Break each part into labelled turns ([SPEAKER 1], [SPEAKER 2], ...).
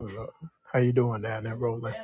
[SPEAKER 1] Look, How you doing down there, Roland?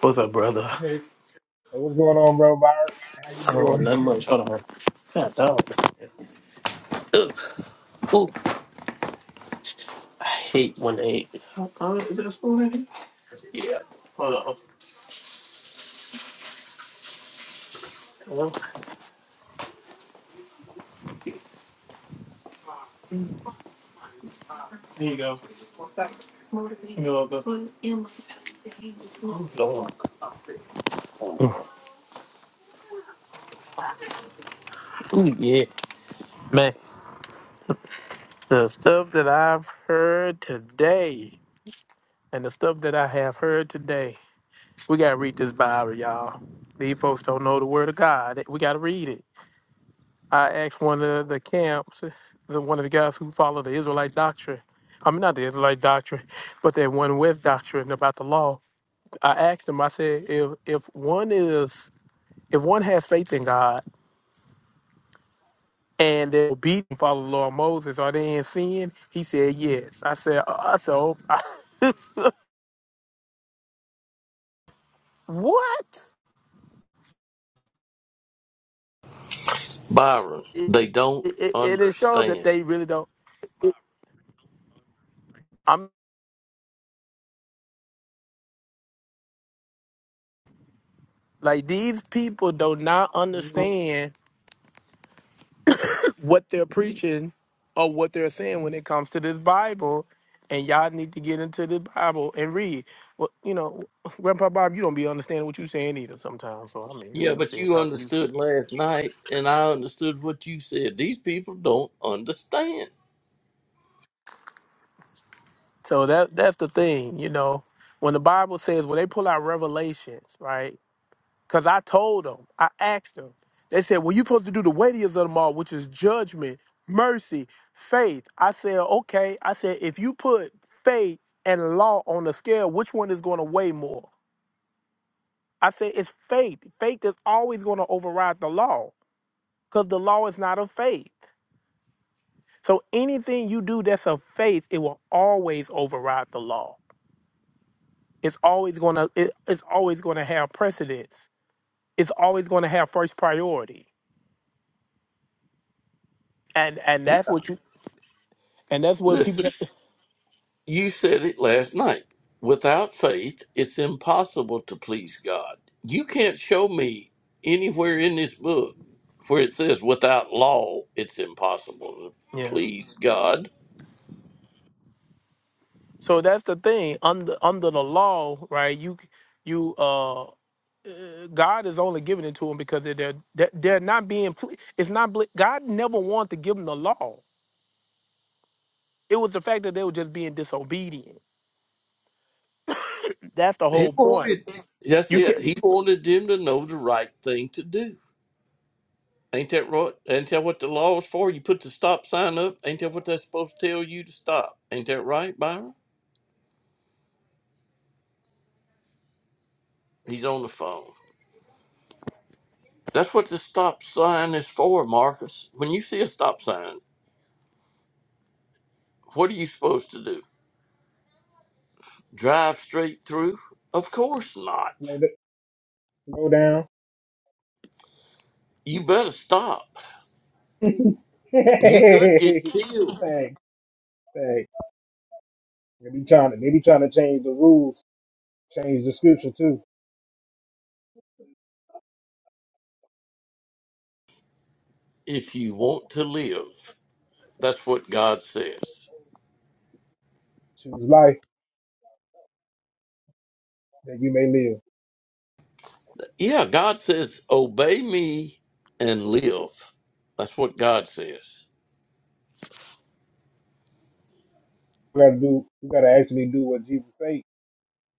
[SPEAKER 1] What's up, brother?
[SPEAKER 2] Hey, hey, what's going on, bro? Byron, how you doing?
[SPEAKER 1] Not much. Hold on. God, dog. Hate when they. Uh, is that spoon in here? Yeah. Hold on. Hello? Here you go. Give a little bit. Lord. Ooh, yeah. Man, the stuff that I've heard today and the stuff that I have heard today, we got to read this Bible, y'all. These folks don't know the word of God. We got to read it. I asked one of the camps, the one of the guys who followed the Israelite doctrine. I mean, not the Israelite doctrine, but that one West doctrine about the law. I asked him. I said, if if one is if one has faith in God and they obey and follow the law of Moses, are they in sin? He said, yes. I said, uh, uh, so I, what?
[SPEAKER 3] Byron,
[SPEAKER 1] It,
[SPEAKER 3] they don't
[SPEAKER 1] it, it it shows that
[SPEAKER 3] understand.
[SPEAKER 1] they really don't. I'm like these people do not
[SPEAKER 2] Mhm.
[SPEAKER 1] understand what they're preaching or what they're saying when it comes to this Bible. And y'all need to get into the Bible and read. Well, you know, Grandpa Bob, you don't be understanding what you're saying either sometimes. So I mean, you
[SPEAKER 3] Yeah,
[SPEAKER 1] know, I'm
[SPEAKER 3] but
[SPEAKER 1] saying
[SPEAKER 3] you
[SPEAKER 1] talking to you.
[SPEAKER 3] understood last night, and I understood what you said. These people don't understand.
[SPEAKER 1] So that that's the thing, you know. When the Bible says when they pull out revelations, right? Because I told them, I asked them. They said, Well, you're supposed to do the weightiest of them all, which is judgment, mercy, faith. I said, Okay. I said, If you put faith and law on the scale, which one is going to weigh more? I said, It's faith. Faith is always going to override the law because the law is not of faith. So anything you do that's of faith, it will always override the law. It's always going to it, it's always going to have precedence. It's always going to have first priority and and
[SPEAKER 3] Yeah,
[SPEAKER 1] that's what you and that's what people.
[SPEAKER 3] listen, you said it last night. Without faith, it's impossible to please God. You can't show me anywhere in this book where it says without law, it's impossible to
[SPEAKER 1] Yeah.
[SPEAKER 3] please God.
[SPEAKER 1] So that's the thing under under the law, right? You you uh, uh, God is only giving it to them because they're they're, they're they're not being. ple- It's not ble- God never wanted to give them the law. It was the fact that they were just being disobedient. That's the
[SPEAKER 3] He
[SPEAKER 1] whole point.
[SPEAKER 3] wanted, that's
[SPEAKER 1] You
[SPEAKER 3] it.
[SPEAKER 1] can't
[SPEAKER 3] He wanted them to know the right thing to do. Ain't that right? Ain't that what the law is for? You put the stop sign up. Ain't that what that's supposed to tell you to stop? Ain't that right, Byron? He's on the phone. That's what the stop sign is for, Marcus. When you see a stop sign, what are you supposed to do? Drive straight through? Of course not.
[SPEAKER 2] Slow, d- slow down.
[SPEAKER 3] You better stop. You could get
[SPEAKER 2] Hey,
[SPEAKER 3] killed
[SPEAKER 2] thanks, thanks. They be trying to, they be trying to change the rules, change the scripture too.
[SPEAKER 3] if you want to live. That's what God says.
[SPEAKER 2] Choose life that you may live.
[SPEAKER 3] Yeah, God says, obey me and live. That's what God says.
[SPEAKER 2] You gotta do, you gotta actually do what Jesus said.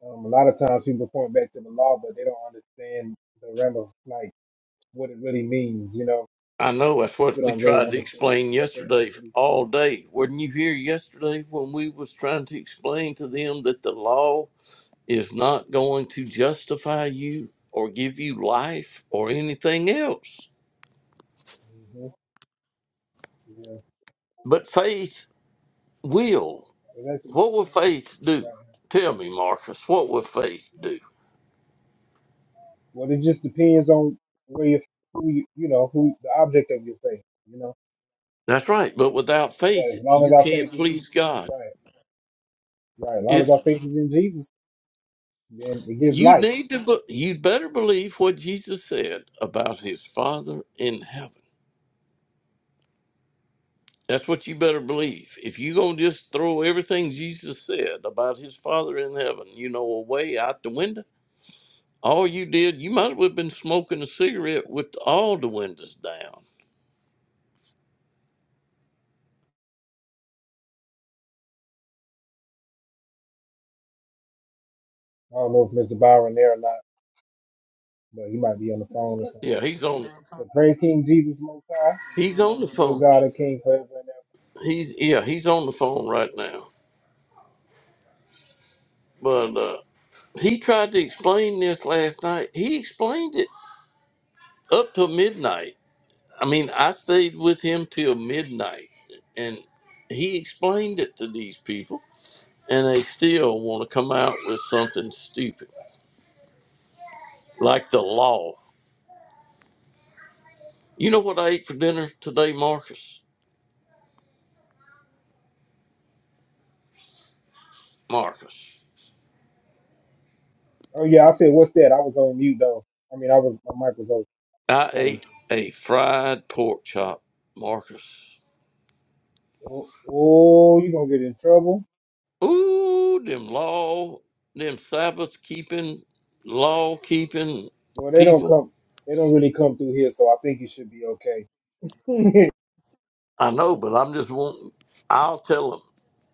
[SPEAKER 2] Um, a lot of times people point back to the law, but they don't understand the realm of like what it really means. You know,
[SPEAKER 3] I know that's
[SPEAKER 2] people
[SPEAKER 3] what we
[SPEAKER 2] don't really
[SPEAKER 3] tried to
[SPEAKER 2] understand
[SPEAKER 3] explain
[SPEAKER 2] that they're
[SPEAKER 3] yesterday
[SPEAKER 2] actually,
[SPEAKER 3] all day. Weren't you here yesterday when we was trying to explain to them that the law is not going to justify you or give you life or anything else?
[SPEAKER 2] hmm yeah,
[SPEAKER 3] But faith will.
[SPEAKER 2] it's actually
[SPEAKER 3] What will faith do?
[SPEAKER 2] right.
[SPEAKER 3] Tell me, Marcus, what will faith do?
[SPEAKER 2] Well, it just depends on where you, who you, you know, who the object of your faith, you know.
[SPEAKER 3] That's right. But without
[SPEAKER 2] But
[SPEAKER 3] faith,
[SPEAKER 2] as long as
[SPEAKER 3] you
[SPEAKER 2] our
[SPEAKER 3] can't
[SPEAKER 2] faith is in,
[SPEAKER 3] please God.
[SPEAKER 2] right, right, as long as our
[SPEAKER 3] If
[SPEAKER 2] faith is in Jesus, then it gets
[SPEAKER 3] you
[SPEAKER 2] life.
[SPEAKER 3] need to. be- You better believe what Jesus said about His Father in heaven That's what you better believe. If you gonna just throw everything Jesus said about his Father in heaven, you know, away out the window, all you did, you might as well have been smoking a cigarette with all the windows down.
[SPEAKER 2] I don't know if Mr. Byron there or not, but he might be on the phone or something.
[SPEAKER 3] Yeah, he's on.
[SPEAKER 2] But praise King Jesus Most High.
[SPEAKER 3] He's on the
[SPEAKER 2] He's still
[SPEAKER 3] phone.
[SPEAKER 2] God and King forever and ever.
[SPEAKER 3] He's yeah, he's on the phone right now. But uh, he tried to explain this last night. He explained it up till midnight. I mean, I stayed with him till midnight, and he explained it to these people and they still want to come out with something stupid like the law. You know what I ate for dinner today, Marcus? Marcus.
[SPEAKER 2] Oh yeah, I said, what's that? I was on mute though. I mean, I was my mic was on
[SPEAKER 3] I
[SPEAKER 2] closed.
[SPEAKER 3] ate a fried pork chop, Marcus.
[SPEAKER 2] Oh, oh, you gonna get in trouble?
[SPEAKER 3] Ooh, them law, them Sabbath keeping, law keeping
[SPEAKER 2] Well, they don't
[SPEAKER 3] people.
[SPEAKER 2] come. They don't really come through here, so I think you should be okay.
[SPEAKER 3] I know, but I'm just wanting, I'll tell them,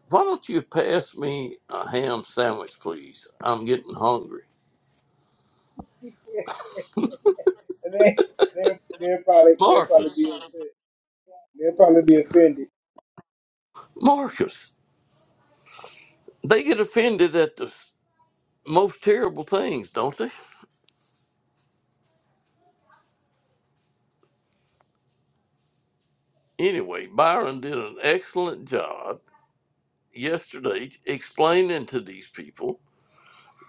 [SPEAKER 3] why don't you pass me a ham sandwich, please? I'm getting hungry.
[SPEAKER 2] And they they they'll probably they'll probably be
[SPEAKER 3] Marcus,
[SPEAKER 2] upset. They'll probably be offended.
[SPEAKER 3] Marcus, they get offended at the most terrible things, don't they? Anyway, Byron did an excellent job yesterday explaining to these people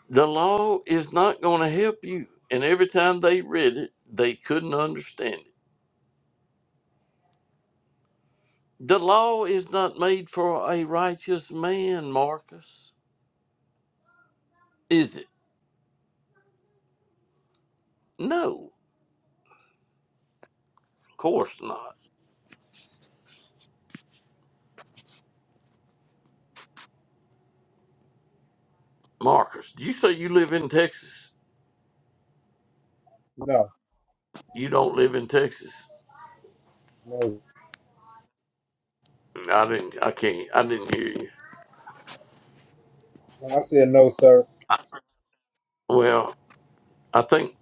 [SPEAKER 3] the law is not going to help you. And every time they read it, they couldn't understand it. The law is not made for a righteous man, Marcus. Is it? No, of course not. Marcus, did you say you live in Texas?
[SPEAKER 2] No,
[SPEAKER 3] You don't live in Texas.
[SPEAKER 2] no.
[SPEAKER 3] I didn't I can't I didn't hear you.
[SPEAKER 2] When I said no, sir.
[SPEAKER 3] Well, I think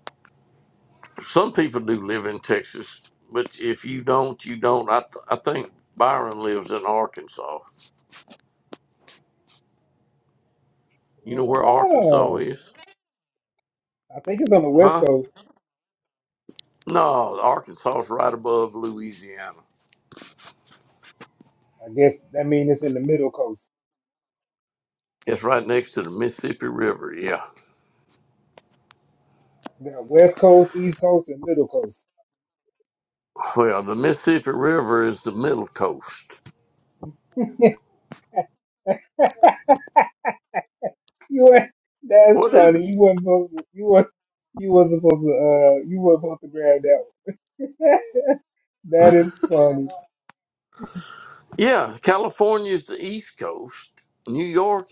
[SPEAKER 3] some people do live in Texas, but if you don't, you don't. I, th- I think Byron lives in Arkansas. You know where Arkansas
[SPEAKER 2] Oh,
[SPEAKER 3] is?
[SPEAKER 2] I think it's on the west
[SPEAKER 3] Huh?
[SPEAKER 2] coast.
[SPEAKER 3] No, Arkansas is right above Louisiana.
[SPEAKER 2] I guess that means it's in the middle coast.
[SPEAKER 3] It's right next to the Mississippi River. Yeah.
[SPEAKER 2] We got west coast, east coast, and middle coast.
[SPEAKER 3] Well, the Mississippi River is the middle coast.
[SPEAKER 2] you ain't- that's
[SPEAKER 3] What is it?
[SPEAKER 2] funny. You weren't supposed to, you were you wasn't supposed to uh you weren't supposed to grab that one. that is funny.
[SPEAKER 3] Yeah, California is the east coast. New York,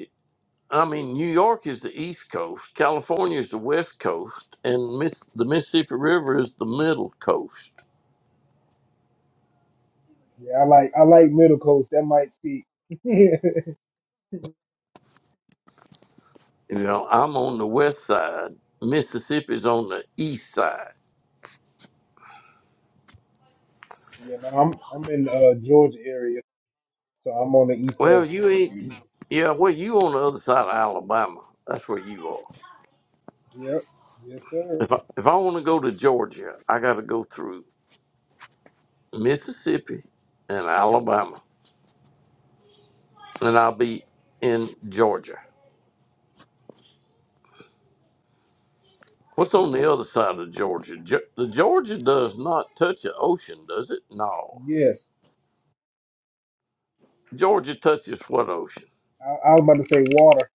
[SPEAKER 3] I mean, New York is the east coast. California is the west coast, and Miss, the Mississippi River is the middle coast.
[SPEAKER 2] Yeah, I like I like middle coast. That might stick. you
[SPEAKER 3] You know, I'm on the west side. Mississippi's on the east side.
[SPEAKER 2] know, I'm I'm in uh Georgia area. So I'm on the East
[SPEAKER 3] Well,
[SPEAKER 2] Coast.
[SPEAKER 3] you ain't. Yeah, well, you on the other side of Alabama. That's where you are.
[SPEAKER 2] Yep. Yes, sir.
[SPEAKER 3] If I, if I want to go to Georgia, I got to go through Mississippi and Alabama, and I'll be in Georgia.
[SPEAKER 2] Yes,
[SPEAKER 3] What's on
[SPEAKER 2] what's
[SPEAKER 3] the
[SPEAKER 2] up.
[SPEAKER 3] other side of Georgia? Ge- the Georgia does not touch the ocean, does it? No.
[SPEAKER 2] Yes.
[SPEAKER 3] Georgia touches what ocean?
[SPEAKER 2] I, I was about to say water.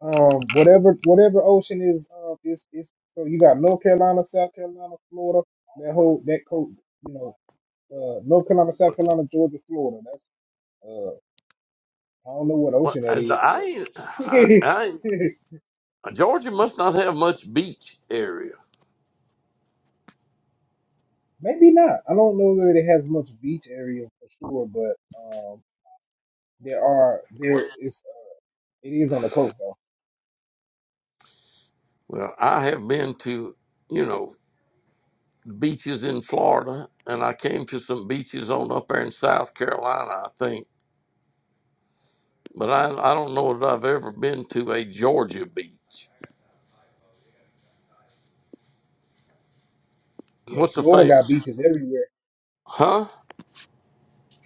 [SPEAKER 2] Um, whatever, whatever ocean is, uh, is, is. So you got North Carolina, South Carolina, Florida. That whole that coast, you know, uh, North Carolina, South Carolina, Georgia, Florida. That's uh, I don't know what
[SPEAKER 3] Well,
[SPEAKER 2] ocean
[SPEAKER 3] I,
[SPEAKER 2] that is,
[SPEAKER 3] I,
[SPEAKER 2] but
[SPEAKER 3] ain't- I, I Georgia must not have much beach area.
[SPEAKER 2] maybe not. I don't know that it has much beach area for sure, but um, there are there is it is on the coast though.
[SPEAKER 3] Well, I have been to, you know, beaches in Florida, and I came to some beaches on up there in South Carolina, I think. But I, I don't know that I've ever been to a Georgia beach.
[SPEAKER 2] Yeah,
[SPEAKER 3] What's the
[SPEAKER 2] Florida got
[SPEAKER 3] famous?
[SPEAKER 2] beaches everywhere.
[SPEAKER 3] Huh?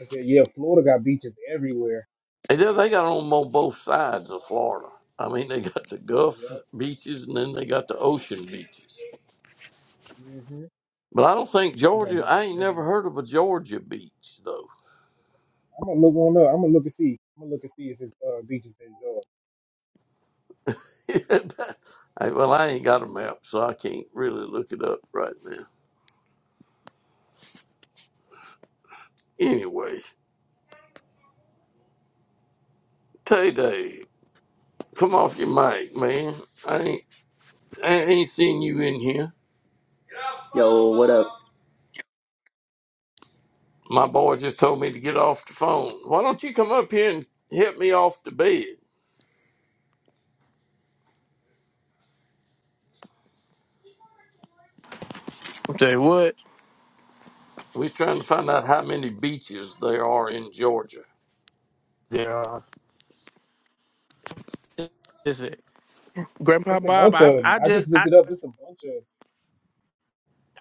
[SPEAKER 2] I said, yeah, Florida got beaches everywhere.
[SPEAKER 3] Hey, They, they got 'em on both sides of Florida. I mean, they got the Gulf
[SPEAKER 2] Yep.
[SPEAKER 3] beaches, and then they got the ocean beaches.
[SPEAKER 2] hmm
[SPEAKER 3] But I don't think
[SPEAKER 2] They got
[SPEAKER 3] Georgia.
[SPEAKER 2] beaches
[SPEAKER 3] I ain't never
[SPEAKER 2] everywhere.
[SPEAKER 3] heard of a Georgia beach though.
[SPEAKER 2] I'm gonna look one up. I'm gonna look and see. I'm gonna look and see if it's uh, beaches in Georgia.
[SPEAKER 3] I- well, I ain't got a map, so I can't really look it up right now. Anyway. Tay Day, come off your mic, man. I ain't, I ain't seen you in here.
[SPEAKER 4] Yo, what up?
[SPEAKER 3] My boy just told me to get off the phone. Why don't you come up here and help me off the bed?
[SPEAKER 1] say what?
[SPEAKER 3] We're trying to find out how many beaches there are in Georgia.
[SPEAKER 1] Yeah. This Is it Grandpa
[SPEAKER 2] It's a
[SPEAKER 1] Bob?
[SPEAKER 2] bunch
[SPEAKER 1] I
[SPEAKER 2] of 'em.
[SPEAKER 1] I
[SPEAKER 2] I just
[SPEAKER 1] just
[SPEAKER 2] looked
[SPEAKER 1] I
[SPEAKER 2] it up. It's a bunch of.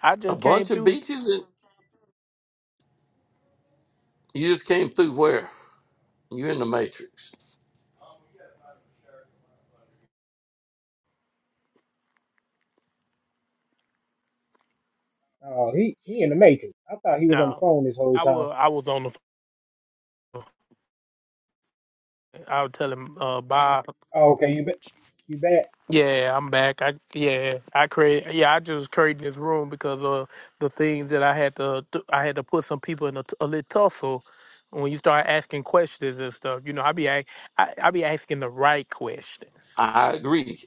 [SPEAKER 1] I
[SPEAKER 3] A
[SPEAKER 1] just came
[SPEAKER 3] bunch of
[SPEAKER 1] through.
[SPEAKER 3] beaches, and you just came through where? You in the Matrix.
[SPEAKER 2] 'em. Oh, he he in the matrix. I thought he was on the
[SPEAKER 1] No,
[SPEAKER 2] phone this whole
[SPEAKER 1] I
[SPEAKER 2] time.
[SPEAKER 1] will. I was on the. I was telling uh Bob.
[SPEAKER 2] Oh, okay. You bet. You bet.
[SPEAKER 1] Yeah, I'm back. I yeah, I create yeah, I just created this room because of the things that I had to do- I had to put some people in a, t- a little tussle when you start asking questions and stuff. You know, I be ac- I, I be asking the right questions.
[SPEAKER 3] I agree,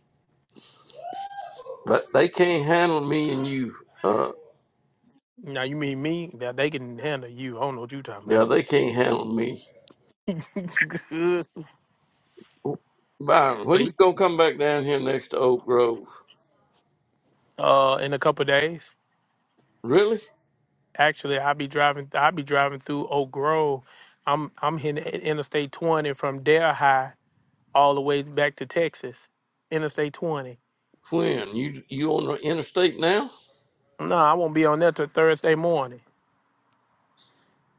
[SPEAKER 3] but they can't handle me and you. Uh,
[SPEAKER 1] Now you mean me? Now they can handle you. I don't know what you talking
[SPEAKER 3] yeah, they can't handle me.
[SPEAKER 1] about.
[SPEAKER 3] Byron, when you
[SPEAKER 1] Wait,
[SPEAKER 3] gonna come back down here next to Oak Grove?
[SPEAKER 1] uh, in a couple of days,
[SPEAKER 3] Really?
[SPEAKER 1] actually, I'll be driving. I'll be driving through Oak Grove. I'm I'm hitting Interstate 20 from Delhi. all the way back to Texas, Interstate 20.
[SPEAKER 3] Quinn, you you on the interstate now?
[SPEAKER 1] No, I won't be on there till Thursday morning.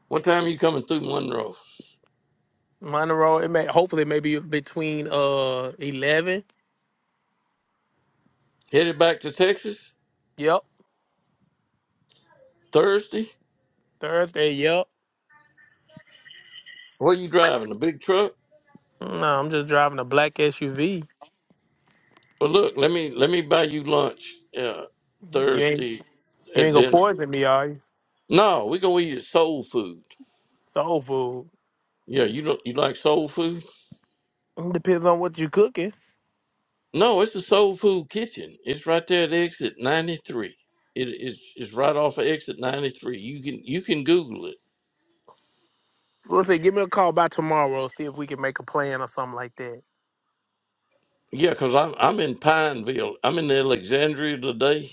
[SPEAKER 3] What time are you coming through Monroe?
[SPEAKER 1] Monroe, it may hopefully maybe between uh 11.
[SPEAKER 3] Headed back to Texas
[SPEAKER 1] Yep,
[SPEAKER 3] Thursday?
[SPEAKER 1] Thursday. Yep.
[SPEAKER 3] What are you driving? A big truck?
[SPEAKER 1] No, I'm just driving a black SUV.
[SPEAKER 3] Well, look, let me let me buy you lunch uh,
[SPEAKER 1] You ain't
[SPEAKER 3] Thursday
[SPEAKER 1] you
[SPEAKER 3] at
[SPEAKER 1] ain't gonna
[SPEAKER 3] dinner.
[SPEAKER 1] poison me, are you?
[SPEAKER 3] No, we gonna eat at soul food.
[SPEAKER 1] Soul food
[SPEAKER 3] Yeah, you don't you like soul food?
[SPEAKER 1] depends on what you cooking.
[SPEAKER 3] No, it's the soul food kitchen. It's right there at exit ninety three. It is it's right off of exit ninety three. You can you can Google it.
[SPEAKER 1] We'll say, give me a call by tomorrow. See if we can make a plan or something like that.
[SPEAKER 3] Yeah, because I'm I'm in Pineville. I'm in Alexandria today,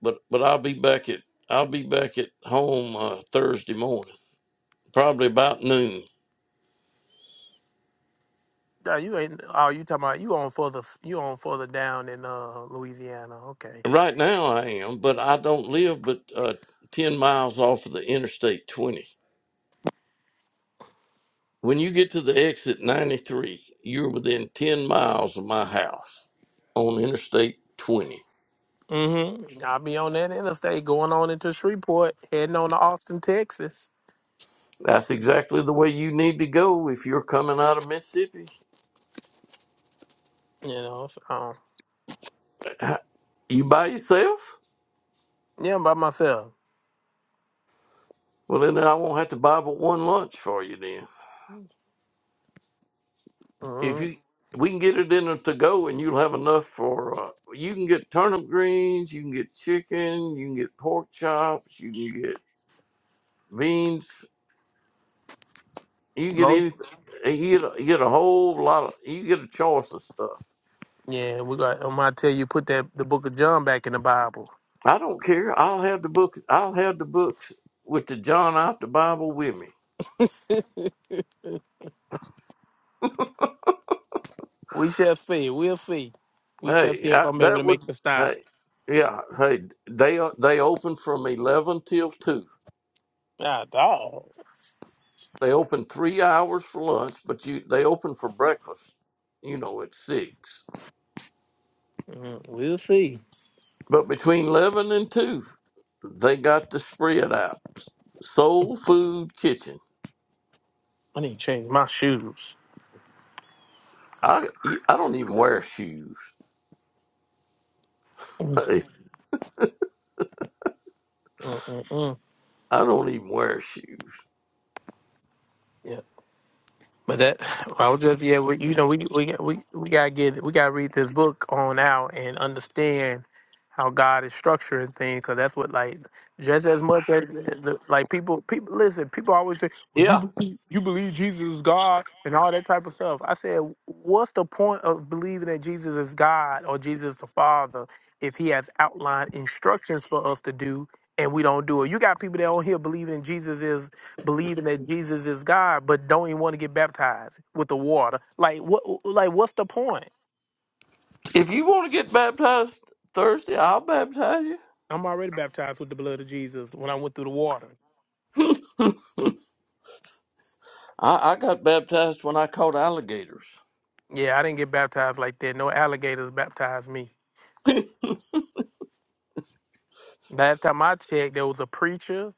[SPEAKER 3] but but I'll be back at I'll be back at home uh, Thursday morning, probably about noon.
[SPEAKER 1] Nah, you ain't. Oh, you talking about you on further? You on further down in uh Louisiana? Okay.
[SPEAKER 3] Right now I am, but I don't live but uh, ten miles off of the Interstate 20. When you get to the exit 93, you're within ten miles of my house on Interstate 20.
[SPEAKER 1] Mm-hmm. I'll be on that interstate going on into Shreveport, heading on to Austin, Texas.
[SPEAKER 3] That's exactly the way you need to go if you're coming out of Mississippi.
[SPEAKER 1] You know, so, um,
[SPEAKER 3] You by yourself?
[SPEAKER 1] yeah, by myself.
[SPEAKER 3] Well, then I won't have to buy but one lunch for you then. If
[SPEAKER 1] Mm-hmm.
[SPEAKER 3] you, we can get it in a to go, and you'll have enough for. Uh, you can get turnip greens, you can get chicken, you can get pork chops, you can get beans, you can get
[SPEAKER 1] No.
[SPEAKER 3] anything. eh, You get a, you get a whole lot of. You get a choice of stuff.
[SPEAKER 1] Yeah, we got. I'm gonna tell you, put that the Book of John back in the Bible.
[SPEAKER 3] I don't care. I'll have the book. I'll have the books with the John out the Bible with me.
[SPEAKER 1] we shall see. We'll see. We shall
[SPEAKER 3] Hey,
[SPEAKER 1] see if
[SPEAKER 3] I,
[SPEAKER 1] I'm able
[SPEAKER 3] that
[SPEAKER 1] to make
[SPEAKER 3] would.
[SPEAKER 1] the stop.
[SPEAKER 3] Hey, yeah. Hey, they are- they open from eleven till two.
[SPEAKER 1] Ah, dog.
[SPEAKER 3] They open three hours for lunch, but you they open for breakfast, you know, at six.
[SPEAKER 1] Mm, we'll see.
[SPEAKER 3] But between eleven and two, they got the spread out. Soul Food Kitchen.
[SPEAKER 1] I need to change my shoes.
[SPEAKER 3] I I don't even wear shoes.
[SPEAKER 1] Mm-mm-mm.
[SPEAKER 3] Hey, I don't even wear shoes.
[SPEAKER 1] But that well, I was just yeah, we, you know, we we we we gotta get we gotta read this book on out and understand how God is structuring things, because that's what like just as much as the, like people people listen, people always say, well, you
[SPEAKER 3] Yeah.
[SPEAKER 1] believe, you believe Jesus is God and all that type of stuff. I said, what's the point of believing that Jesus is God or Jesus the Father if He has outlined instructions for us to do? And we don't do it. You got people that on here believing in Jesus is believing that Jesus is God, but don't even want to get baptized with the water. Like what? Like what's the point?
[SPEAKER 3] If you want to get baptized Thursday, I'll baptize you.
[SPEAKER 1] I'm already baptized with the blood of Jesus when I went through the water.
[SPEAKER 3] I, I got baptized when I caught alligators.
[SPEAKER 1] Yeah, I didn't get baptized like that. No alligators baptized me. Last time I checked, there was a preacher.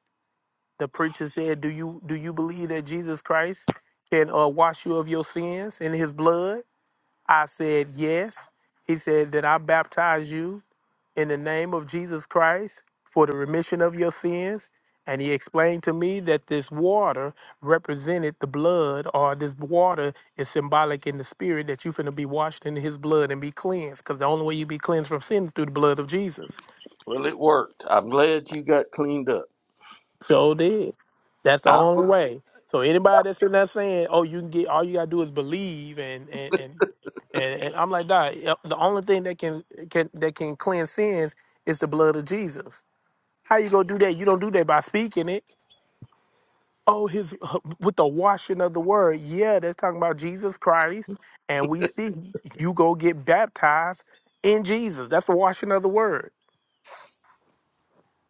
[SPEAKER 1] The preacher said, "Do you do you believe that Jesus Christ can uh, wash you of your sins in His blood?" I said, "Yes." He said, "Then I baptize you in the name of Jesus Christ for the remission of your sins. And he explained to me that this water represented the blood, or this water is symbolic in the spirit that you're going to be washed in his blood and be cleansed. Because the only way you be cleansed from sin is through the blood of Jesus.
[SPEAKER 3] Well, it worked. I'm glad you got cleaned up.
[SPEAKER 1] So did. That's the
[SPEAKER 3] I'm,
[SPEAKER 1] only way. So anybody that's in there saying, oh, you can get, all you got to do is believe and, and, and, and, and I'm like, nah, the only thing that can, can, that can cleanse sins is the blood of Jesus. How you gonna do that? You don't do that by speaking it. Oh, his with the washing of the word. Yeah, that's talking about Jesus Christ, and we see you go get baptized in Jesus. That's the washing of the word.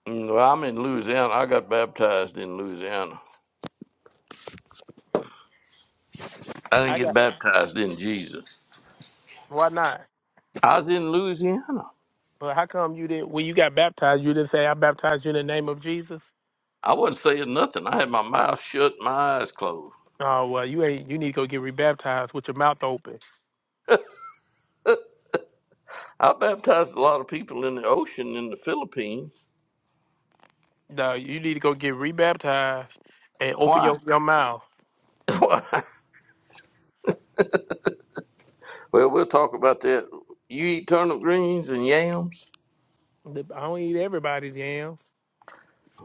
[SPEAKER 3] well, I'm in Louisiana. I got baptized in Louisiana. I didn't
[SPEAKER 1] I
[SPEAKER 3] get
[SPEAKER 1] got
[SPEAKER 3] baptized in Jesus.
[SPEAKER 1] why not?
[SPEAKER 3] I was in Louisiana.
[SPEAKER 1] But how come you didn't? When you got baptized, you didn't say, "I baptized you in the name of Jesus."
[SPEAKER 3] I wasn't saying nothing. I had my mouth shut, my eyes closed.
[SPEAKER 1] Oh well, you ain't. You need to go get rebaptized with your mouth open.
[SPEAKER 3] I baptized a lot of people in the ocean in the Philippines.
[SPEAKER 1] No, you need to go get rebaptized and open your
[SPEAKER 3] Why?
[SPEAKER 1] your mouth.
[SPEAKER 3] Why? well, we'll talk about that. You eat turnip greens and yams?
[SPEAKER 1] I don't eat everybody's yams.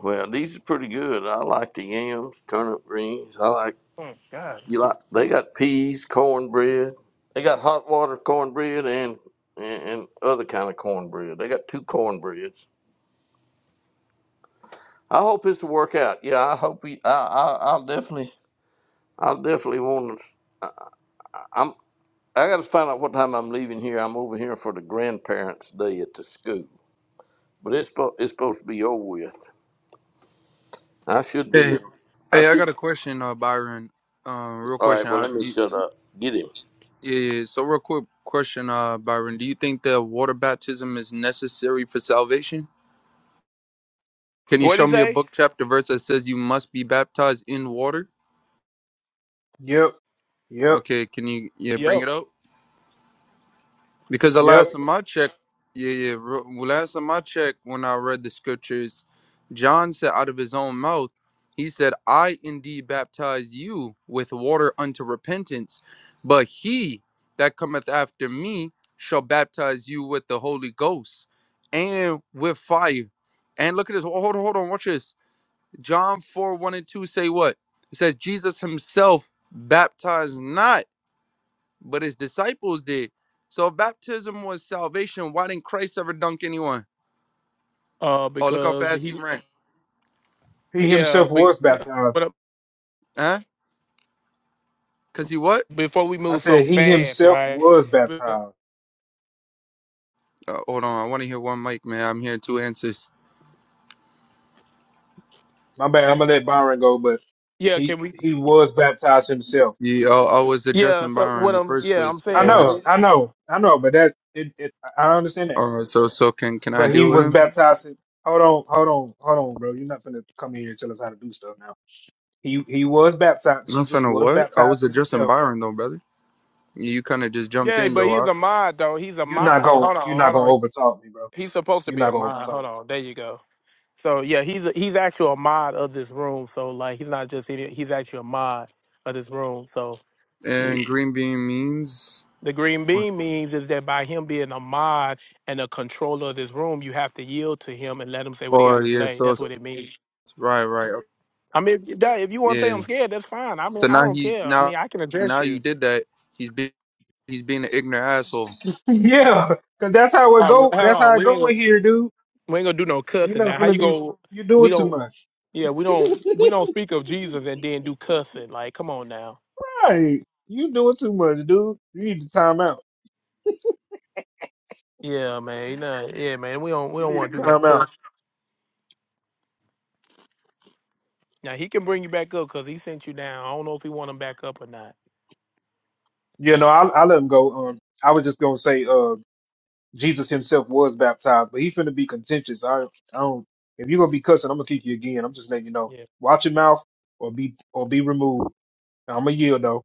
[SPEAKER 3] Well, these are pretty good. I like the yams, turnip greens. I like
[SPEAKER 1] Oh God!
[SPEAKER 3] you
[SPEAKER 1] What
[SPEAKER 3] like they got peas, cornbread. They got hot water cornbread and and, and other kind of cornbread. They got two cornbreads. I hope it's to work out. Yeah, I hope we. I, I, I'll definitely. I'll definitely want to. I'm. I got to find out what time I'm leaving here. I'm over here for the grandparents' day at the school, but it's spo- it's supposed to be over with. I should be.
[SPEAKER 5] Hey,
[SPEAKER 3] in- I
[SPEAKER 5] hey, I
[SPEAKER 3] should.
[SPEAKER 5] got a question, uh, Byron. Um, real
[SPEAKER 3] All right.
[SPEAKER 5] question.
[SPEAKER 3] Well,
[SPEAKER 5] Uh,
[SPEAKER 3] let me
[SPEAKER 5] you- yeah,
[SPEAKER 3] shut up. Get him.
[SPEAKER 5] yeah. yeah. So, real quick question, uh, Byron. Do you think that water baptism is necessary for salvation? Can you
[SPEAKER 1] would he
[SPEAKER 5] show me a
[SPEAKER 1] say?
[SPEAKER 5] book, chapter, verse that says you must be baptized in water?
[SPEAKER 2] Yep, yep,
[SPEAKER 5] Okay, can you yeah
[SPEAKER 1] Yep.
[SPEAKER 5] bring it up? Because the
[SPEAKER 2] yep.
[SPEAKER 5] last time I checked, yeah, yeah, ro- last time I checked, when I read the scriptures, John said out of his own mouth, he said, I indeed baptize you with water unto repentance, but he that cometh after me shall baptize you with the Holy Ghost and with fire. And look at this. Hold hold on, hold on. Watch this. John 4 1 and 2 say what? It says, Jesus himself baptized not but his disciples did. So if baptism was salvation, why didn't Christ ever dunk anyone?
[SPEAKER 1] uh,
[SPEAKER 5] Oh, look how
[SPEAKER 1] because
[SPEAKER 5] fast he
[SPEAKER 1] he,
[SPEAKER 5] ran.
[SPEAKER 2] He
[SPEAKER 1] yeah,
[SPEAKER 2] himself
[SPEAKER 1] be,
[SPEAKER 2] was baptized.
[SPEAKER 1] but
[SPEAKER 5] Huh? Cause he what?
[SPEAKER 1] before we
[SPEAKER 2] I
[SPEAKER 1] move so
[SPEAKER 2] said he
[SPEAKER 1] fast,
[SPEAKER 2] himself
[SPEAKER 1] right?
[SPEAKER 2] was baptized.
[SPEAKER 5] Uh, hold on, I want to hear one mic, man. I'm hearing two answers.
[SPEAKER 2] My bad. I'm gonna let Byron go, but
[SPEAKER 1] Yeah,
[SPEAKER 2] he
[SPEAKER 1] can we?
[SPEAKER 2] he was baptized himself.
[SPEAKER 5] You, I, I was
[SPEAKER 1] Yeah,
[SPEAKER 5] addressing
[SPEAKER 1] so
[SPEAKER 5] Byron in
[SPEAKER 1] what
[SPEAKER 5] the
[SPEAKER 1] I'm,
[SPEAKER 5] first
[SPEAKER 1] yeah, I'm
[SPEAKER 5] place.
[SPEAKER 2] I
[SPEAKER 5] Go
[SPEAKER 1] saying,
[SPEAKER 5] ahead.
[SPEAKER 2] know, I know, I know, but that it, it I understand that.
[SPEAKER 5] All right, so so can can I
[SPEAKER 2] But he
[SPEAKER 5] deal with
[SPEAKER 2] was
[SPEAKER 5] him?
[SPEAKER 2] baptized. In, hold on, hold on, hold on, bro. You're not gonna come in here and tell us how to do stuff now. He he was baptized. Jesus
[SPEAKER 5] Nothing or
[SPEAKER 2] was
[SPEAKER 5] what? I was
[SPEAKER 2] baptized
[SPEAKER 5] addressing
[SPEAKER 2] himself.
[SPEAKER 5] Byron though, brother. You kind of just jumped
[SPEAKER 1] yeah,
[SPEAKER 5] in
[SPEAKER 1] but
[SPEAKER 5] though.
[SPEAKER 2] You
[SPEAKER 1] he's
[SPEAKER 5] I,
[SPEAKER 1] a mod though. He's a
[SPEAKER 2] you're
[SPEAKER 1] mod.
[SPEAKER 2] not
[SPEAKER 1] Oh,
[SPEAKER 2] gonna
[SPEAKER 1] hold on,
[SPEAKER 2] you're not
[SPEAKER 1] hold
[SPEAKER 2] gonna
[SPEAKER 1] on.
[SPEAKER 2] overtalk me, bro.
[SPEAKER 1] He's supposed to
[SPEAKER 2] You're
[SPEAKER 1] be
[SPEAKER 2] not
[SPEAKER 1] a
[SPEAKER 2] gonna
[SPEAKER 1] mod.
[SPEAKER 2] overtalk
[SPEAKER 1] Hold
[SPEAKER 2] me.
[SPEAKER 1] on, there you go. So yeah, he's a, he's actually a mod of this room. So like, he's not just idiot. He's actually a mod of this room. So it,
[SPEAKER 5] and green bean means.
[SPEAKER 1] the green bean means is that by him being a mod and a controller of this room, you have to yield to him and let him say what he
[SPEAKER 5] Oh
[SPEAKER 1] got to
[SPEAKER 5] yeah,
[SPEAKER 1] say.
[SPEAKER 5] so,
[SPEAKER 1] That's
[SPEAKER 5] so
[SPEAKER 1] what it means.
[SPEAKER 5] right, right, okay.
[SPEAKER 1] I mean, that, if you want to say
[SPEAKER 5] Yeah.
[SPEAKER 1] I'm scared, that's fine. I mean,
[SPEAKER 5] So
[SPEAKER 1] I
[SPEAKER 5] now
[SPEAKER 1] don't
[SPEAKER 5] he
[SPEAKER 1] care. I
[SPEAKER 5] now
[SPEAKER 1] mean, I can address
[SPEAKER 5] now you
[SPEAKER 1] you.
[SPEAKER 5] did that. He's being he's being an ignorant asshole.
[SPEAKER 2] Yeah, cause that's how it
[SPEAKER 1] Uh, well, hold
[SPEAKER 2] go. That's how
[SPEAKER 1] on,
[SPEAKER 2] it
[SPEAKER 1] we ain't
[SPEAKER 2] go
[SPEAKER 1] gonna,
[SPEAKER 2] in here, dude.
[SPEAKER 1] we ain't gonna do no
[SPEAKER 2] You're
[SPEAKER 1] cussing
[SPEAKER 2] not
[SPEAKER 1] now. How
[SPEAKER 2] gonna
[SPEAKER 1] you
[SPEAKER 2] be.
[SPEAKER 1] go?
[SPEAKER 2] You're
[SPEAKER 1] We
[SPEAKER 2] doing too
[SPEAKER 1] don't.
[SPEAKER 2] much.
[SPEAKER 1] Yeah, we don't. We don't speak of Jesus and then do cussing. Like, come on now.
[SPEAKER 2] Right. you doing too much, dude. You need to time out.
[SPEAKER 1] Yeah, man. Nah, yeah, man. We don't. We
[SPEAKER 2] You
[SPEAKER 1] don't
[SPEAKER 2] need to
[SPEAKER 1] want to do that
[SPEAKER 2] time out.
[SPEAKER 1] cuss. Now he can bring you back up because he sent you down. I don't know if he want him back up or not.
[SPEAKER 2] You know, I I let him go. Um, I was just gonna say, uh. Jesus himself was baptized, but he's finna be contentious. I, I don't. If you're gonna be cussing, I'm gonna kick you again. I'm just letting you know.
[SPEAKER 1] Yeah.
[SPEAKER 2] Watch your mouth, or be or be removed. I'm gonna yield though.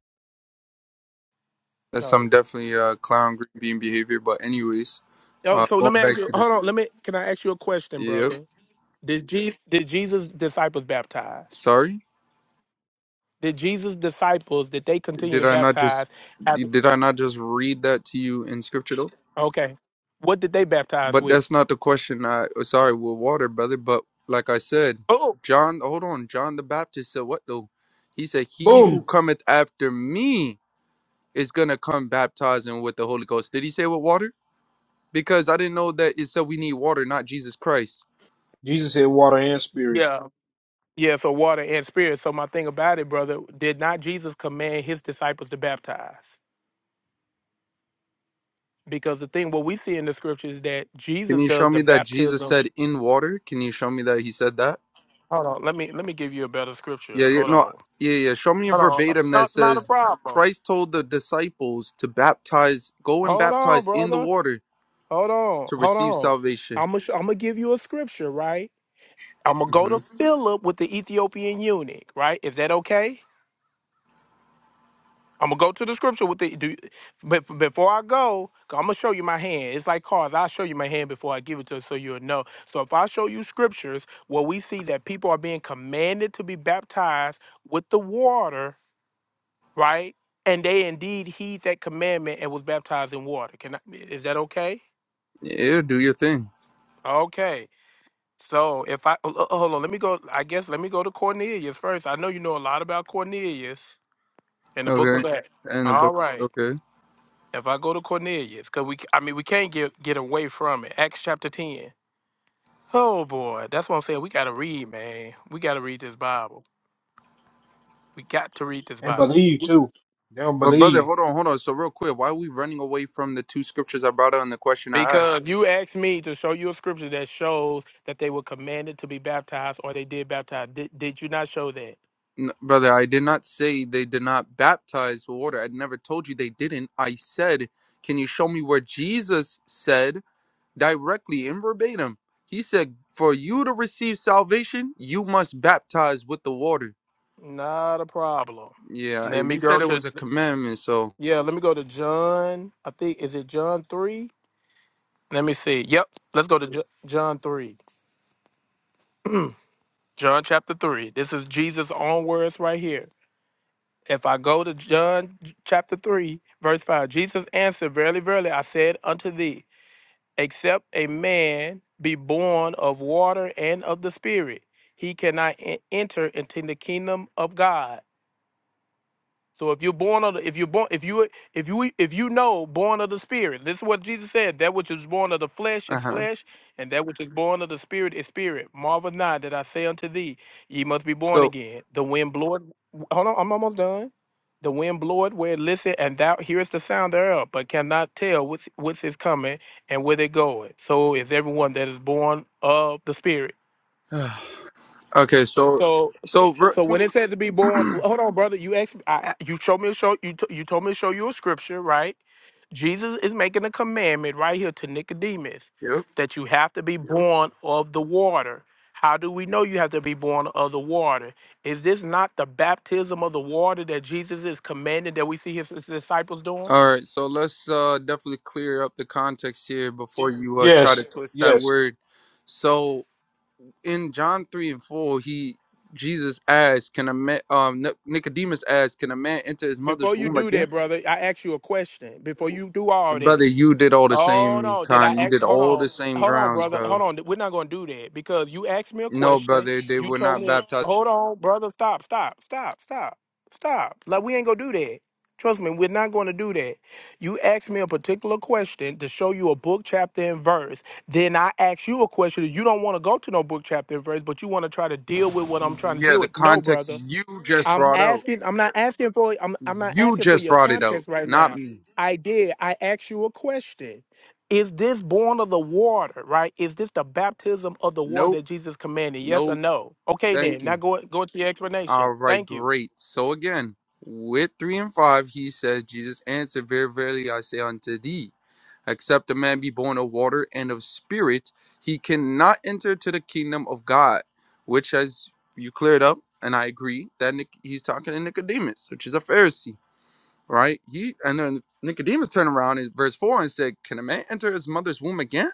[SPEAKER 5] That's
[SPEAKER 1] All right.
[SPEAKER 5] some definitely uh clown green bean behavior. But anyways,
[SPEAKER 1] Oh,
[SPEAKER 5] uh
[SPEAKER 1] so let
[SPEAKER 5] going
[SPEAKER 1] me ask
[SPEAKER 5] back
[SPEAKER 1] you.
[SPEAKER 5] to the
[SPEAKER 1] Hold on. Let me. Can I ask you a question,
[SPEAKER 5] yep.
[SPEAKER 1] brother? Did Jesus? Did Jesus' disciples baptize?
[SPEAKER 5] Sorry,
[SPEAKER 1] Did Jesus' disciples did they continue
[SPEAKER 5] did
[SPEAKER 1] to
[SPEAKER 5] I not just
[SPEAKER 1] baptize after?
[SPEAKER 5] did did I not just read that to you in scripture though?
[SPEAKER 1] Okay, what did they baptize
[SPEAKER 5] But
[SPEAKER 1] with?
[SPEAKER 5] that's not the question. I oh, sorry with water, brother. But like I said,
[SPEAKER 1] Oh,
[SPEAKER 5] John, hold on. John the Baptist said what though? He said, "He
[SPEAKER 2] Boom,
[SPEAKER 5] who cometh after me is gonna come baptizing with the Holy Ghost." Did he say with water? Because I didn't know that it said we need water, not Jesus Christ.
[SPEAKER 1] yeah, yeah. So water and spirit. So my thing about it, brother, did not Jesus command his disciples to baptize? Because the thing what we see in the scriptures is that
[SPEAKER 5] Can
[SPEAKER 1] Jesus
[SPEAKER 5] you show
[SPEAKER 1] does
[SPEAKER 5] me
[SPEAKER 1] the
[SPEAKER 5] that Jesus
[SPEAKER 1] baptism.
[SPEAKER 5] said in water? Can you show me that he said that?
[SPEAKER 1] Hold on, let me let me give you a better scripture.
[SPEAKER 5] Yeah, yeah,
[SPEAKER 1] Hold
[SPEAKER 5] no,
[SPEAKER 1] on,
[SPEAKER 5] yeah, yeah. Show me a
[SPEAKER 1] hold on.
[SPEAKER 5] verbatim that
[SPEAKER 1] Not, not a
[SPEAKER 5] says
[SPEAKER 1] problem.
[SPEAKER 5] Christ told the disciples to baptize, go and
[SPEAKER 1] Hold on,
[SPEAKER 5] baptize in the
[SPEAKER 1] brother.
[SPEAKER 5] water
[SPEAKER 1] Hold on,
[SPEAKER 5] to
[SPEAKER 1] hold
[SPEAKER 5] receive
[SPEAKER 1] on.
[SPEAKER 5] salvation.
[SPEAKER 1] I'm gonna I'm gonna give you a scripture, right? I'm gonna go
[SPEAKER 5] hmm
[SPEAKER 1] to Philip with the Ethiopian eunuch, right? Is that okay? I'm gonna go to the scripture with the. Do, but f- before I go, I'm gonna show you my hand. It's like cars. I'll show you my hand before I give it to you, so you'll know. So if I show you scriptures where we see that people are being commanded to be baptized with the water, right? And they indeed heed that commandment and was baptized in water. Can I, is that okay?
[SPEAKER 5] Yeah, do your thing.
[SPEAKER 1] Okay. So if I uh, uh, hold on, let me go. I guess let me go to Cornelius first. I know you know a lot about Cornelius. in the book
[SPEAKER 5] Okay.
[SPEAKER 1] of Acts.
[SPEAKER 5] And the
[SPEAKER 1] All
[SPEAKER 5] book.
[SPEAKER 1] right.
[SPEAKER 5] Okay.
[SPEAKER 1] If I go to Cornelius, because we, I mean, we can't get get away from it. Acts chapter ten. Oh boy, that's what I'm saying. We gotta read, man. We gotta read this Bible. We got to read this
[SPEAKER 2] and
[SPEAKER 1] Bible
[SPEAKER 2] believe too. They don't
[SPEAKER 5] But brother,
[SPEAKER 2] believe.
[SPEAKER 5] hold on, hold on. So real quick, why are we running away from the two scriptures I brought out in the question I asked?
[SPEAKER 1] because you asked me to show you a scripture that shows that they were commanded to be baptized or they did baptize. Did, did you not show that?
[SPEAKER 5] N- brother, I did not say they did not baptize with water. I never told you they didn't. I said, can you show me where Jesus said directly in verbatim? He said, for you to receive salvation, you must baptize with the water.
[SPEAKER 1] Not a problem.
[SPEAKER 5] Yeah,
[SPEAKER 1] Let me
[SPEAKER 5] you said
[SPEAKER 1] go
[SPEAKER 5] it
[SPEAKER 1] to
[SPEAKER 5] was a commandment, so
[SPEAKER 1] yeah. Let me go to John. I think is it John three. Let me see. Yep. Let's go to Ju- John three. John chapter 3. This is Jesus' own words right here. If I go to John chapter 3, verse 5, Jesus answered, Verily, verily, I said unto thee, except a man be born of water and of the Spirit, he cannot en- enter into the kingdom of God. So if you're born of the, if you're born if you if you if you know born of the spirit, this is what Jesus said: that which is born of the flesh is
[SPEAKER 5] uh-huh.
[SPEAKER 1] flesh, and that which is born of the spirit is spirit. Marvel not that I say unto thee, ye must be born
[SPEAKER 5] So
[SPEAKER 1] again. The wind bloweth. Hold on, I'm almost done. The wind bloweth where it listeth, and thou hearest the sound thereof, but cannot tell what's what's is coming and whither it goeth. So is everyone that is born of the spirit.
[SPEAKER 5] okay, so
[SPEAKER 1] So, so,
[SPEAKER 5] so ver-
[SPEAKER 1] so when
[SPEAKER 5] two
[SPEAKER 1] it says to be born, hold on, brother. You asked, I, you showed me a show. You t- you told me to show you a scripture, right? Jesus is making a commandment right here to Nicodemus
[SPEAKER 5] Yep.
[SPEAKER 1] that you have to be Yep. born of the water. How do we know you have to be born of the water? Is this not the baptism of the water that Jesus is commanding that we see his, his disciples doing?
[SPEAKER 5] All right, so let's uh definitely clear up the context here before you uh try to
[SPEAKER 2] Yes,
[SPEAKER 5] twist that
[SPEAKER 2] yes.
[SPEAKER 5] word. So in John three and four, he Jesus asked, "Can a man?" Um, Nic- Nicodemus asked, "Can a man enter his
[SPEAKER 1] Before
[SPEAKER 5] mother's
[SPEAKER 1] you
[SPEAKER 5] womb
[SPEAKER 1] do
[SPEAKER 5] again?"
[SPEAKER 1] that, brother, I ask you a question. Before you do all that,
[SPEAKER 5] Brother, you did all the
[SPEAKER 1] Oh
[SPEAKER 5] same
[SPEAKER 1] no! Did I
[SPEAKER 5] con. You
[SPEAKER 1] act?
[SPEAKER 5] did
[SPEAKER 1] Hold
[SPEAKER 5] all
[SPEAKER 1] on.
[SPEAKER 5] the same
[SPEAKER 1] Hold on,
[SPEAKER 5] grounds,
[SPEAKER 1] brother.
[SPEAKER 5] bro.
[SPEAKER 1] Hold on. We're not going to do that because you asked me a
[SPEAKER 5] No,
[SPEAKER 1] question.
[SPEAKER 5] brother, they
[SPEAKER 1] You
[SPEAKER 5] were
[SPEAKER 1] told
[SPEAKER 5] not
[SPEAKER 1] me, a,
[SPEAKER 5] baptized.
[SPEAKER 1] hold on, brother. Stop, stop, stop, stop, stop. Like, we ain't going to do that. Trust me, we're not going to do that. You asked me a particular question to show you a book, chapter, and verse. Then I asked you a question. that You don't want to go to no book, chapter, and verse, but you want to try to deal with what I'm trying to
[SPEAKER 5] Yeah,
[SPEAKER 1] deal
[SPEAKER 5] the
[SPEAKER 1] with. No,
[SPEAKER 5] context
[SPEAKER 1] brother.
[SPEAKER 5] you just
[SPEAKER 1] I'm
[SPEAKER 5] brought out.
[SPEAKER 1] asking. I'm not asking for. I'm. I'm not
[SPEAKER 5] You
[SPEAKER 1] asking for
[SPEAKER 5] just
[SPEAKER 1] your
[SPEAKER 5] brought it out,
[SPEAKER 1] context right
[SPEAKER 5] not
[SPEAKER 1] now.
[SPEAKER 5] me.
[SPEAKER 1] I did. I asked you a question. Is this born of the water? Right? Is this the baptism of the water
[SPEAKER 5] Nope,
[SPEAKER 1] that Jesus commanded? Yes or
[SPEAKER 5] nope.
[SPEAKER 1] no? Okay,
[SPEAKER 5] Thank
[SPEAKER 1] then. Now
[SPEAKER 5] you.
[SPEAKER 1] go go to your
[SPEAKER 5] All
[SPEAKER 1] explanation.
[SPEAKER 5] right,
[SPEAKER 1] Thank you.
[SPEAKER 5] great. So again, with three and five, he says, Jesus answered, Very verily I say unto thee. Except a man be born of water and of spirit, he cannot enter to the kingdom of God. Which, as you cleared up, and I agree that Nic- he's talking to Nicodemus, which is a Pharisee, right? He and then Nicodemus turned around in verse four and said, "Can a man enter his mother's womb again?"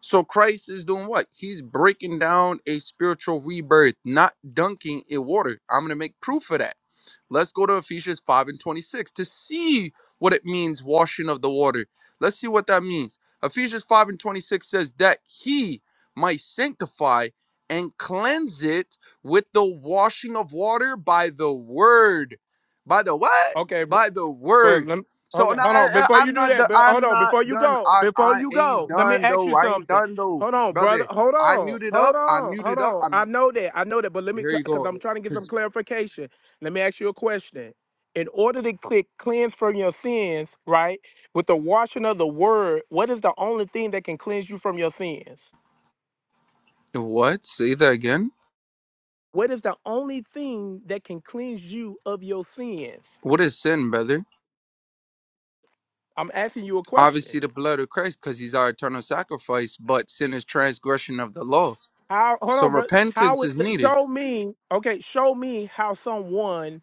[SPEAKER 5] So Christ is doing what? He's breaking down a spiritual rebirth, not dunking in water. I'm gonna make proof of that Let's go to Ephesians 5 and 26 to see what it means, washing of the water. Let's see what that means. Ephesians 5 and 26 says that he might sanctify and cleanse it with the washing of water by the word. By the what?
[SPEAKER 1] Okay.
[SPEAKER 5] By the
[SPEAKER 1] But
[SPEAKER 5] word.
[SPEAKER 1] let me,
[SPEAKER 5] So
[SPEAKER 1] okay,
[SPEAKER 5] now
[SPEAKER 1] hold on.
[SPEAKER 5] I,
[SPEAKER 1] Before
[SPEAKER 5] I,
[SPEAKER 1] you
[SPEAKER 5] am
[SPEAKER 1] do
[SPEAKER 5] not
[SPEAKER 1] that,
[SPEAKER 5] do-
[SPEAKER 1] but hold
[SPEAKER 5] I'm
[SPEAKER 1] on.
[SPEAKER 5] not
[SPEAKER 1] Before you
[SPEAKER 5] done.
[SPEAKER 1] go,
[SPEAKER 5] I,
[SPEAKER 1] before
[SPEAKER 5] I
[SPEAKER 1] you
[SPEAKER 5] ain't
[SPEAKER 1] go, let me
[SPEAKER 5] done
[SPEAKER 1] ask you
[SPEAKER 5] though. I ain't
[SPEAKER 1] something.
[SPEAKER 5] done though,
[SPEAKER 1] Hold on, brother.
[SPEAKER 5] brother.
[SPEAKER 1] Hold
[SPEAKER 5] I
[SPEAKER 1] on.
[SPEAKER 5] muted
[SPEAKER 1] Hold
[SPEAKER 5] up. I
[SPEAKER 1] on. Hold
[SPEAKER 5] muted up.
[SPEAKER 1] on. I
[SPEAKER 5] I'm
[SPEAKER 1] know that. I know that. But let me,
[SPEAKER 5] here. You
[SPEAKER 1] because
[SPEAKER 5] go.
[SPEAKER 1] I'm trying to get some
[SPEAKER 5] Cause
[SPEAKER 1] clarification. Let me ask you a question. In order to click cleanse from your sins, right, with the washing of the word, what is the only thing that can cleanse you from your sins?
[SPEAKER 5] what? Say that again.
[SPEAKER 1] What is the only thing that can cleanse you of your sins?
[SPEAKER 5] What is sin, brother?
[SPEAKER 1] I'm asking you a question.
[SPEAKER 5] Obviously, the blood of Christ, because he's our eternal sacrifice, but sin is transgression of the law.
[SPEAKER 1] How hold
[SPEAKER 5] So
[SPEAKER 1] on, bro?
[SPEAKER 5] repentance
[SPEAKER 1] How it
[SPEAKER 5] is needed.
[SPEAKER 1] show me? Okay, show me how someone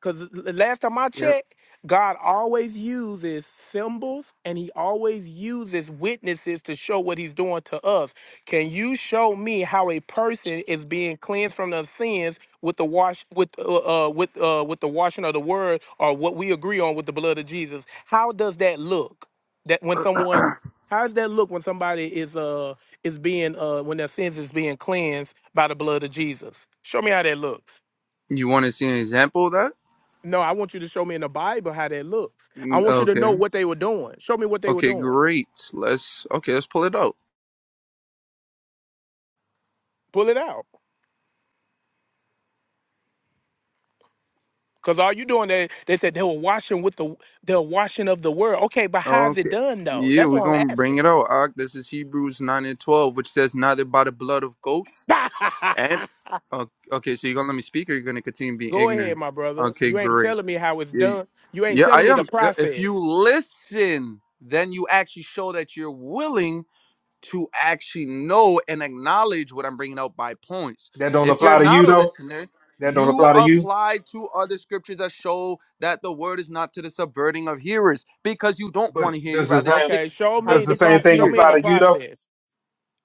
[SPEAKER 1] because the last time I
[SPEAKER 5] Yeah.
[SPEAKER 1] checked, God always uses symbols and he always uses witnesses to show what he's doing to us. Can you show me how a person is being cleansed from their sins with the wash with uh, uh with uh with the washing of the word or what we agree on with the blood of Jesus? How does that look? That when someone how does that look when somebody is uh is being uh when their sins is being cleansed by the blood of Jesus? Show me how that looks.
[SPEAKER 5] You want to see an example of that?
[SPEAKER 1] No, I want you to show me in the Bible how that looks. I
[SPEAKER 5] Mm,
[SPEAKER 1] want you to know
[SPEAKER 5] Okay.
[SPEAKER 1] what they were doing. Show me what they were
[SPEAKER 5] Okay,
[SPEAKER 1] doing.
[SPEAKER 5] great. Let's, okay, let's pull it out.
[SPEAKER 1] Pull it out. Cause all you doing they they said they were washing with the the washing of the world. Okay, but how is it
[SPEAKER 5] Okay.
[SPEAKER 1] done though?
[SPEAKER 5] Yeah,
[SPEAKER 1] That's
[SPEAKER 5] we're
[SPEAKER 1] what
[SPEAKER 5] going
[SPEAKER 1] I'm
[SPEAKER 5] to bring
[SPEAKER 1] asking.
[SPEAKER 5] it out. Ak. This is Hebrews 9 and 12, which says, neither by the blood of goats and, okay, okay so you're going to let me speak or you're going to continue being
[SPEAKER 1] Go ahead,
[SPEAKER 5] ignorant?
[SPEAKER 1] my brother.
[SPEAKER 5] Okay,
[SPEAKER 1] You ain't
[SPEAKER 5] great.
[SPEAKER 1] telling me how it's
[SPEAKER 5] Yeah,
[SPEAKER 1] done. You ain't
[SPEAKER 5] yeah,
[SPEAKER 1] telling
[SPEAKER 5] I
[SPEAKER 1] me the
[SPEAKER 5] am. I- If you
[SPEAKER 1] process.
[SPEAKER 5] listen, then you actually show that you're willing to actually know and acknowledge what I'm bringing out by points.
[SPEAKER 2] That don't
[SPEAKER 5] If you're
[SPEAKER 2] apply to you
[SPEAKER 5] not a
[SPEAKER 2] though.
[SPEAKER 5] listener,
[SPEAKER 2] That don't
[SPEAKER 5] you
[SPEAKER 2] apply to you.
[SPEAKER 5] apply to other scriptures that show that the word is not to the subverting of hearers because you don't want
[SPEAKER 2] But
[SPEAKER 5] to hear. You
[SPEAKER 2] does the
[SPEAKER 5] rather
[SPEAKER 2] same
[SPEAKER 5] stick,
[SPEAKER 1] Okay, show
[SPEAKER 5] have
[SPEAKER 2] does
[SPEAKER 1] me
[SPEAKER 2] the
[SPEAKER 1] the
[SPEAKER 2] same
[SPEAKER 1] pro.
[SPEAKER 5] itching
[SPEAKER 2] thing
[SPEAKER 1] Show me in
[SPEAKER 5] ears.
[SPEAKER 2] apply
[SPEAKER 1] the
[SPEAKER 2] to you though?
[SPEAKER 1] process.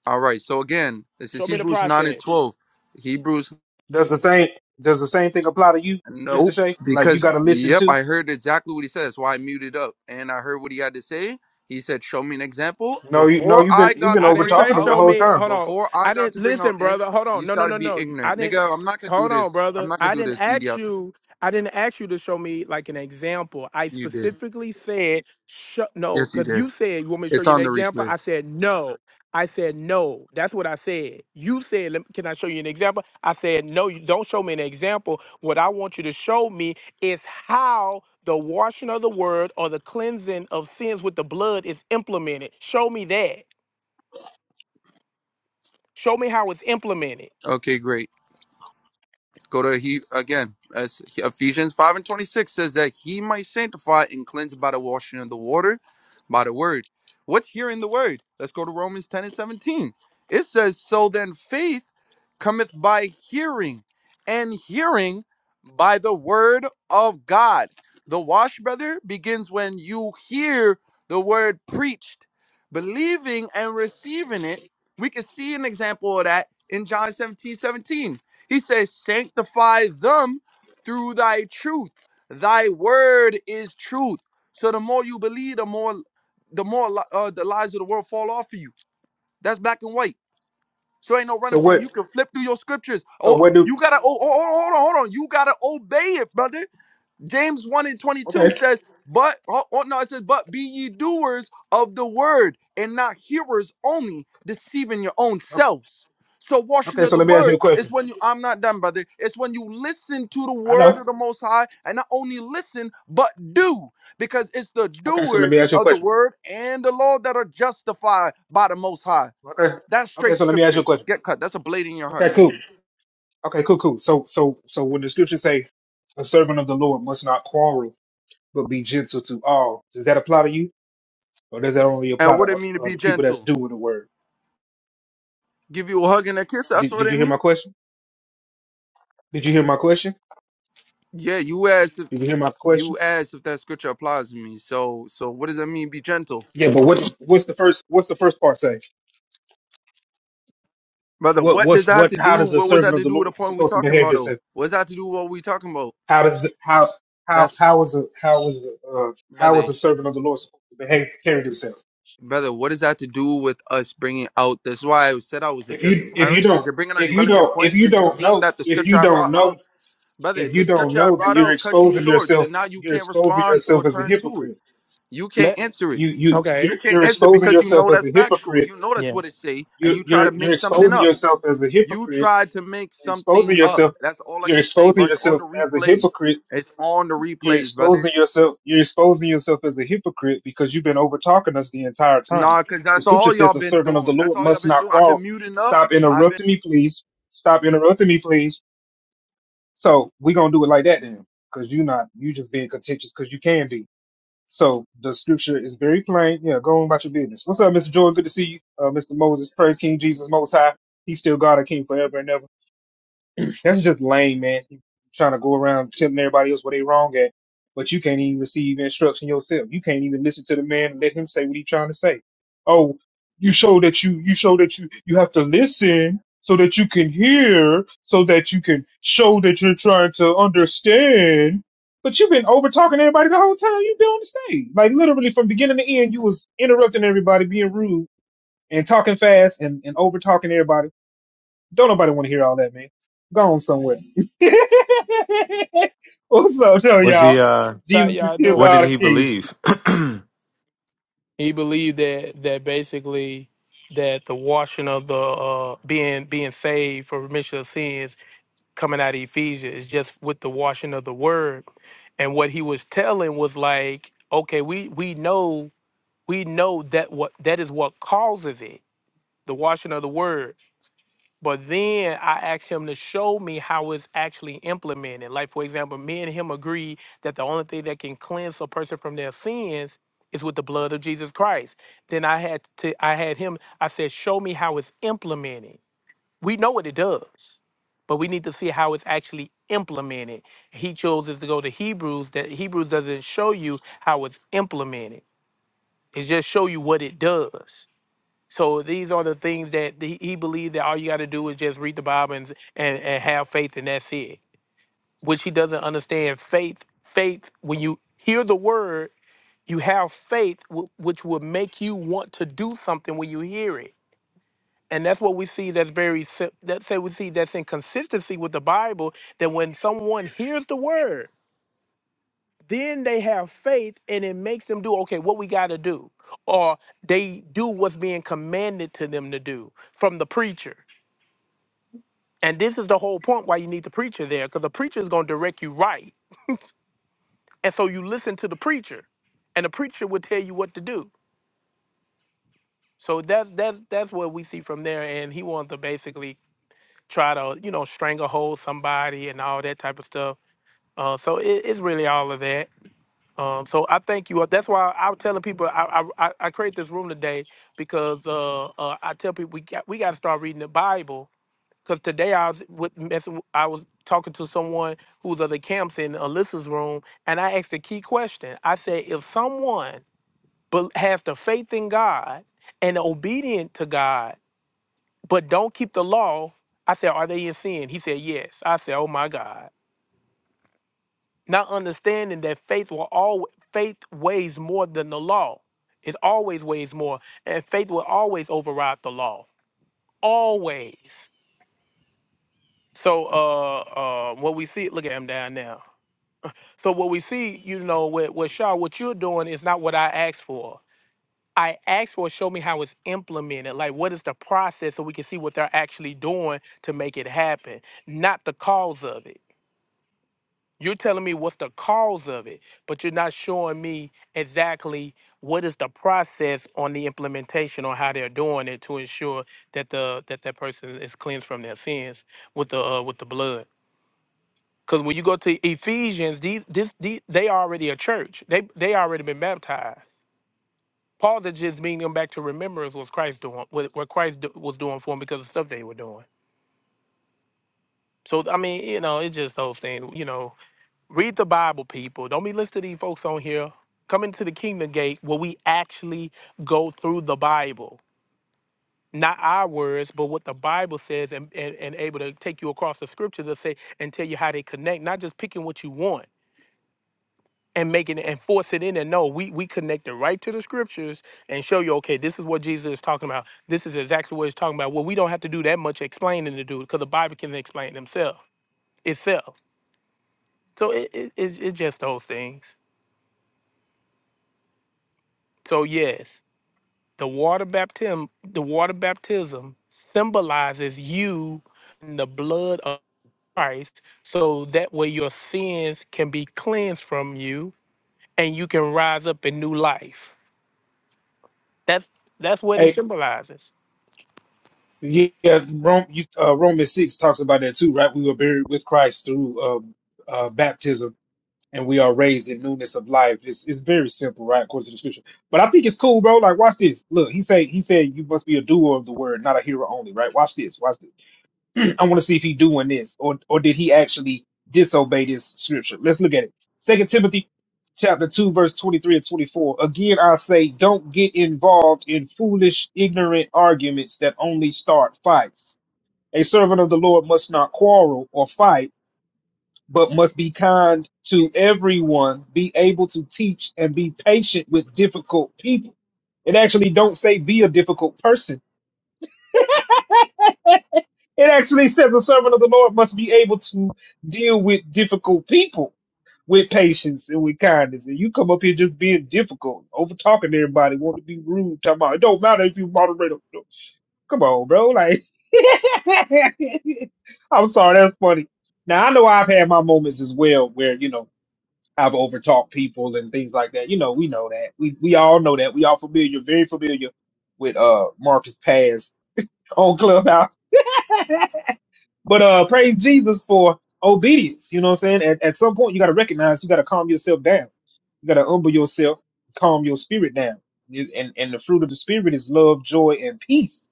[SPEAKER 5] All right. So again, this is
[SPEAKER 1] Show me the
[SPEAKER 5] Hebrews 9 and
[SPEAKER 1] process.
[SPEAKER 5] 12. Hebrews
[SPEAKER 2] Does the same does the same thing apply to you, Mister
[SPEAKER 5] Nope.
[SPEAKER 2] Shay? Like you
[SPEAKER 5] Because
[SPEAKER 2] gotta listen
[SPEAKER 5] yep,
[SPEAKER 2] too.
[SPEAKER 5] I heard exactly what he said. That's why I muted up. And I heard what he had to say. He said, Show me an example.
[SPEAKER 2] No, you no,
[SPEAKER 5] Before
[SPEAKER 2] you've been
[SPEAKER 5] I
[SPEAKER 2] you've
[SPEAKER 5] got
[SPEAKER 2] been
[SPEAKER 5] to
[SPEAKER 1] I
[SPEAKER 2] over
[SPEAKER 1] didn't
[SPEAKER 5] bring
[SPEAKER 2] talking
[SPEAKER 1] say
[SPEAKER 2] them the
[SPEAKER 5] out
[SPEAKER 1] show
[SPEAKER 2] whole
[SPEAKER 1] me.
[SPEAKER 2] time.
[SPEAKER 1] Hold on.
[SPEAKER 5] before I
[SPEAKER 1] I
[SPEAKER 5] got
[SPEAKER 1] didn't
[SPEAKER 5] to bring out
[SPEAKER 1] listen,
[SPEAKER 5] and
[SPEAKER 1] brother. Hold
[SPEAKER 5] you
[SPEAKER 1] on. No, no,
[SPEAKER 5] started
[SPEAKER 1] no,
[SPEAKER 5] being
[SPEAKER 1] no. I
[SPEAKER 5] ignorant.
[SPEAKER 1] didn't.
[SPEAKER 5] Nigga, I'm not gonna do
[SPEAKER 1] Hold on,
[SPEAKER 5] this. I'm
[SPEAKER 1] brother.
[SPEAKER 5] not gonna
[SPEAKER 1] I
[SPEAKER 5] do
[SPEAKER 1] didn't
[SPEAKER 5] this, Edie.
[SPEAKER 1] ask
[SPEAKER 5] I'll tell
[SPEAKER 1] you. I didn't ask you to show me like an example. I
[SPEAKER 5] you you did.
[SPEAKER 1] specifically said sh- no
[SPEAKER 5] Yes, you
[SPEAKER 1] because
[SPEAKER 5] did.
[SPEAKER 1] you said you want me to show
[SPEAKER 5] It's
[SPEAKER 1] you an
[SPEAKER 5] on the
[SPEAKER 1] example. I
[SPEAKER 5] replays.
[SPEAKER 1] said no. I said no. That's what I said. You said, "Lem- "Can I show you an example?" I said no. You don't show me an example. What I want you to show me is how the washing of the word or the cleansing of sins with the blood is implemented. Show me that. Show me how it's implemented.
[SPEAKER 5] Okay, great. Go to he again. As Ephesians five and twenty six says that he might sanctify and cleanse by the washing of the water, by the word. What's here in the word? Let's go to Romans ten and seventeen. It says, "So then faith cometh by hearing, and hearing by the word of God." The wash, brother, begins when you hear the word preached, believing and receiving it. We can see an example of that in John 17 17. He says, Sanctify them through thy truth. Thy word is truth. So the more you believe, the more the more li- uh, the lies of the world fall off of you. That's black and white. So ain't no
[SPEAKER 2] So
[SPEAKER 5] running from it.
[SPEAKER 2] what?
[SPEAKER 5] you. Can flip through your scriptures.
[SPEAKER 2] So
[SPEAKER 5] Oh,
[SPEAKER 2] what do?
[SPEAKER 5] you gotta oh, oh, oh, hold on, hold on. You gotta obey it, brother. James 1 and 22
[SPEAKER 2] Okay.
[SPEAKER 5] says, but, oh, oh, no, it says, but be ye doers of the word and not hearers only, deceiving your own selves. So, washing
[SPEAKER 2] Okay,
[SPEAKER 5] of
[SPEAKER 2] so
[SPEAKER 5] the
[SPEAKER 2] let me ask you
[SPEAKER 5] word
[SPEAKER 2] a
[SPEAKER 5] is
[SPEAKER 2] question.
[SPEAKER 5] when you, I'm not done, brother. It's when you listen to the
[SPEAKER 2] I
[SPEAKER 5] word
[SPEAKER 2] know.
[SPEAKER 5] of the Most High and not only listen, but do, because it's the
[SPEAKER 2] Okay, so let me
[SPEAKER 5] doers
[SPEAKER 2] ask you a
[SPEAKER 5] of the
[SPEAKER 2] question.
[SPEAKER 5] word and the law that are justified by the Most High.
[SPEAKER 2] Okay.
[SPEAKER 5] That's
[SPEAKER 2] Okay,
[SPEAKER 5] straight
[SPEAKER 2] so let me ask you a
[SPEAKER 5] scripture.
[SPEAKER 2] question.
[SPEAKER 5] Get cut. That's a blade in your
[SPEAKER 2] Okay,
[SPEAKER 5] heart, man.
[SPEAKER 2] cool. Okay, cool, cool. So so so when the scriptures say a servant of the Lord must not quarrel but be gentle to all, does that apply to you? Or does that only
[SPEAKER 5] And
[SPEAKER 2] apply to
[SPEAKER 5] what it mean to
[SPEAKER 2] uh,
[SPEAKER 5] be
[SPEAKER 2] the people that's
[SPEAKER 5] gentle?
[SPEAKER 2] doing the word?
[SPEAKER 5] Give you a hug and a kiss. That's
[SPEAKER 2] Did,
[SPEAKER 5] what
[SPEAKER 2] did you
[SPEAKER 5] it
[SPEAKER 2] hear my
[SPEAKER 5] mean.
[SPEAKER 2] question? Did you hear my question?
[SPEAKER 5] Yeah, you ass.
[SPEAKER 2] Did you hear my question?
[SPEAKER 5] you asked if that scripture applies to me. So so what does that mean? Be gentle,
[SPEAKER 2] Yeah, but what what's the first what's the first part say?
[SPEAKER 5] brother.
[SPEAKER 2] What
[SPEAKER 5] What does
[SPEAKER 2] what's
[SPEAKER 5] that have
[SPEAKER 2] what
[SPEAKER 5] to
[SPEAKER 2] how
[SPEAKER 5] do?
[SPEAKER 2] does the
[SPEAKER 5] What was
[SPEAKER 2] servant
[SPEAKER 5] that
[SPEAKER 2] of
[SPEAKER 5] to
[SPEAKER 2] the
[SPEAKER 5] do with the
[SPEAKER 2] Lord
[SPEAKER 5] point we
[SPEAKER 2] supposed to
[SPEAKER 5] talking
[SPEAKER 2] behave
[SPEAKER 5] about
[SPEAKER 2] this
[SPEAKER 5] though? What's that to do with what we talking about?
[SPEAKER 2] How does the, how how
[SPEAKER 5] That's
[SPEAKER 2] how is a how is a uh, how
[SPEAKER 5] brother,
[SPEAKER 2] is a servant of the Lord supposed to behave carry himself?
[SPEAKER 5] brother. What does that to do with us bringing out? That's why I said I was
[SPEAKER 2] If you
[SPEAKER 5] addressing
[SPEAKER 2] if you
[SPEAKER 5] Byron because
[SPEAKER 2] don't
[SPEAKER 5] you're bringing out
[SPEAKER 2] if you
[SPEAKER 5] irrelevant
[SPEAKER 2] don't if
[SPEAKER 5] points
[SPEAKER 2] you
[SPEAKER 5] because you've
[SPEAKER 2] don't
[SPEAKER 5] seen
[SPEAKER 2] know
[SPEAKER 5] that the
[SPEAKER 2] if you
[SPEAKER 5] scripture I
[SPEAKER 2] don't
[SPEAKER 5] brought
[SPEAKER 2] know
[SPEAKER 5] out, brother.
[SPEAKER 2] if you
[SPEAKER 5] The
[SPEAKER 2] don't
[SPEAKER 5] scripture I
[SPEAKER 2] know then
[SPEAKER 5] brought
[SPEAKER 2] you're
[SPEAKER 5] out cut you
[SPEAKER 2] exposing
[SPEAKER 5] short, so
[SPEAKER 2] yourself
[SPEAKER 5] now you
[SPEAKER 2] you're
[SPEAKER 5] can't
[SPEAKER 2] exposing
[SPEAKER 5] respond or
[SPEAKER 2] yourself as a
[SPEAKER 5] turn to it.
[SPEAKER 2] hypocrite.
[SPEAKER 5] You can't
[SPEAKER 1] Let
[SPEAKER 5] answer it.
[SPEAKER 2] You you
[SPEAKER 5] You
[SPEAKER 1] okay,
[SPEAKER 2] you're,
[SPEAKER 5] can't
[SPEAKER 2] you're
[SPEAKER 5] answer
[SPEAKER 2] exposing
[SPEAKER 5] because you know
[SPEAKER 2] yourself as
[SPEAKER 5] that's
[SPEAKER 2] a
[SPEAKER 5] factual.
[SPEAKER 2] hypocrite.
[SPEAKER 5] You know that's
[SPEAKER 1] yeah,
[SPEAKER 5] what it say, and
[SPEAKER 2] You
[SPEAKER 5] you try to
[SPEAKER 2] you're you're
[SPEAKER 5] make something
[SPEAKER 2] exposing
[SPEAKER 5] up.
[SPEAKER 2] yourself as a
[SPEAKER 5] You
[SPEAKER 2] hypocrite.
[SPEAKER 5] tried to make
[SPEAKER 2] You're exposing
[SPEAKER 5] something up.
[SPEAKER 2] yourself
[SPEAKER 5] That's all I
[SPEAKER 2] you're
[SPEAKER 5] can say,
[SPEAKER 2] exposing
[SPEAKER 5] bro. It's on
[SPEAKER 2] yourself
[SPEAKER 5] the
[SPEAKER 2] as a
[SPEAKER 5] replays.
[SPEAKER 2] hypocrite
[SPEAKER 5] It's on the
[SPEAKER 2] You're
[SPEAKER 5] replays, brother.
[SPEAKER 2] exposing yourself. You're exposing yourself as a hypocrite because you've been over talking us the entire time.
[SPEAKER 5] Nah, cause
[SPEAKER 2] The
[SPEAKER 5] that's
[SPEAKER 2] scripture
[SPEAKER 5] all
[SPEAKER 2] says
[SPEAKER 5] y'all
[SPEAKER 2] the
[SPEAKER 5] been
[SPEAKER 2] servant of the
[SPEAKER 5] doing. That's
[SPEAKER 2] Lord
[SPEAKER 5] all y'all
[SPEAKER 2] must
[SPEAKER 5] been
[SPEAKER 2] not
[SPEAKER 5] doing. I've
[SPEAKER 2] quarrel.
[SPEAKER 5] been muting up.
[SPEAKER 2] Stop
[SPEAKER 5] I've been.
[SPEAKER 2] interrupting me, please. Stop interrupting me, please. So we're gonna do it like that then, because you're not. You just being contentious because you can be. So the scripture is very plain. Yeah, go on about your business. What's up, Mr. Jordan? Good to see you, uh, Mr. Moses. Praise King Jesus Most High. He's still God, a King forever and ever. That's just lame, man. You trying to go around telling everybody else what they wrong at, but you can't even receive instruction yourself. You can't even listen to the man and let him say what he's trying to say. Oh, you show that you you show that you you have to listen so that you can hear, so that you can show that you're trying to understand. But you've been over talking to everybody the whole time you've been on the stage. Like literally from beginning to end, you was interrupting everybody, being rude and talking fast and, and over talking everybody don't nobody want to hear all that, man. Go on somewhere. What's up, show
[SPEAKER 6] Was
[SPEAKER 2] y'all?
[SPEAKER 6] he? uh
[SPEAKER 1] how
[SPEAKER 2] Jesus is
[SPEAKER 1] y'all
[SPEAKER 2] still
[SPEAKER 6] What
[SPEAKER 1] doing?
[SPEAKER 6] did
[SPEAKER 2] God and
[SPEAKER 6] he
[SPEAKER 2] King.
[SPEAKER 6] believe?
[SPEAKER 1] He believed that that basically that the washing of the uh, being being saved for remission of sins coming out of Ephesians is just with the washing of the word, and what he was telling was like, okay, we we know we know that what that is what causes it, the washing of the word But then I asked him to show me how it's actually implemented. Like, for example, me and him agreed that the only thing that can cleanse a person from their sins is with the blood of Jesus Christ. Then I had to I had him, I said, show me how it's implemented. We know what it does, but we need to see how it's actually implemented. He chooses to go to Hebrews, that Hebrews doesn't show you how it's implemented. It just show you what it does. So these are the things that he he believed that all you got to do is just read the Bible and, and and have faith, and that's it. Which he doesn't understand. Faith, faith. When you hear the word, you have faith, wh- which will make you want to do something when you hear it. And that's what we see. That's very sim- that's say we see that's in consistency with the Bible. That when someone hears the word, then they have faith, and it makes them do okay. What we got to do, or they do what's being commanded to them to do from the preacher And this is the whole point why you need the preacher there, because the preacher is going to direct you right. And so you listen to the preacher, and the preacher will tell you what to do. So that's that's that's what we see from there. And he wants to basically try to you know stranglehold somebody and all that type of stuff. Uh, so it, it's really all of that. Um, so I thank you. Are, That's why I'm telling people I I, I I create this room today because uh, uh, I tell people we got we got to start reading the Bible Cause today I was with messing, w- I was talking to someone who was other camps in Alyssa's room, and I asked a key question. I said, if someone bel- has the faith in God and obedient to God, but don't keep the law, I said, are they in sin? He said, yes. I said, oh my God. Not understanding that faith will always faith weighs more than the law. It always weighs more, and faith will always override the law. Always. So, uh, uh, what we see, look at him down there. So what we see, you know, with, with Shaw, what you're doing is not what I asked for. I asked for show me how it's implemented, like what is the process so we can see what they're actually doing to make it happen, not the cause of it. You're telling me what's the cause of it, but you're not showing me exactly what is the process on the implementation on how they're doing it to ensure that the that that person is cleansed from their sins with the uh, with the blood. Because when you go to Ephesians, these, this, these, they already a church. They they already been baptized. Paul's is just bringing them back to remembrance what Christ doing, what, what Christ do, was doing for them because of stuff they were doing. So I mean, you know, it's just those things. You know, read the Bible, people. Don't be listening to these folks on here. Come into the kingdom gate where we actually go through the Bible. Not our words, but what the Bible says and, and, and able to take you across the scripture to say and tell you how they connect, not just picking what you want. and making it and force it in and no we we connect it right to the scriptures and show you okay this is what jesus is talking about this is exactly what he's talking about well we don't have to do that much explaining to do it because the bible can explain itself itself so it, it, it's, it's just those things so yes the water baptism the water baptism symbolizes you and the blood of christ so that way your sins can be cleansed from you and you can rise up in new life that's that's what it
[SPEAKER 2] Hey,
[SPEAKER 1] symbolizes
[SPEAKER 2] yeah, Rome, you, uh, Romans six talks about that too, right? We were buried with Christ through um uh, baptism, and we are raised in newness of life. It's it's very simple, right? According to the scripture. But I think it's cool, bro. Like, watch this. Look, he said he said you must be a doer of the word, not a hearer only, right? Watch this. Watch this. I want to see if he doing this or or did he actually disobey this scripture. Let's look at it. Second Timothy chapter two, verse twenty-three and twenty-four. Again, I say, don't get involved in foolish, ignorant arguments that only start fights. A servant of the Lord must not quarrel or fight, but must be kind to everyone, be able to teach, and be patient with difficult people. It actually don't say be a difficult person It actually says a servant of the Lord must be able to deal with difficult people with patience and with kindness. And you come up here just being difficult, over talking to everybody, want to be rude, talking about it don't matter if you moderate. or- no. Come on, bro. Like, I'm sorry, that's funny. Now I know I've had my moments as well where you know I've overtalked people and things like that. You know, we know that. We we all know that. We all familiar, very familiar with uh Marcus Pass on Clubhouse But uh, praise Jesus for obedience. You know what I'm saying? At, at some point, you got to recognize you got to calm yourself down. You got to humble yourself, calm your spirit down. You- And and the fruit of the spirit is love, joy, and peace.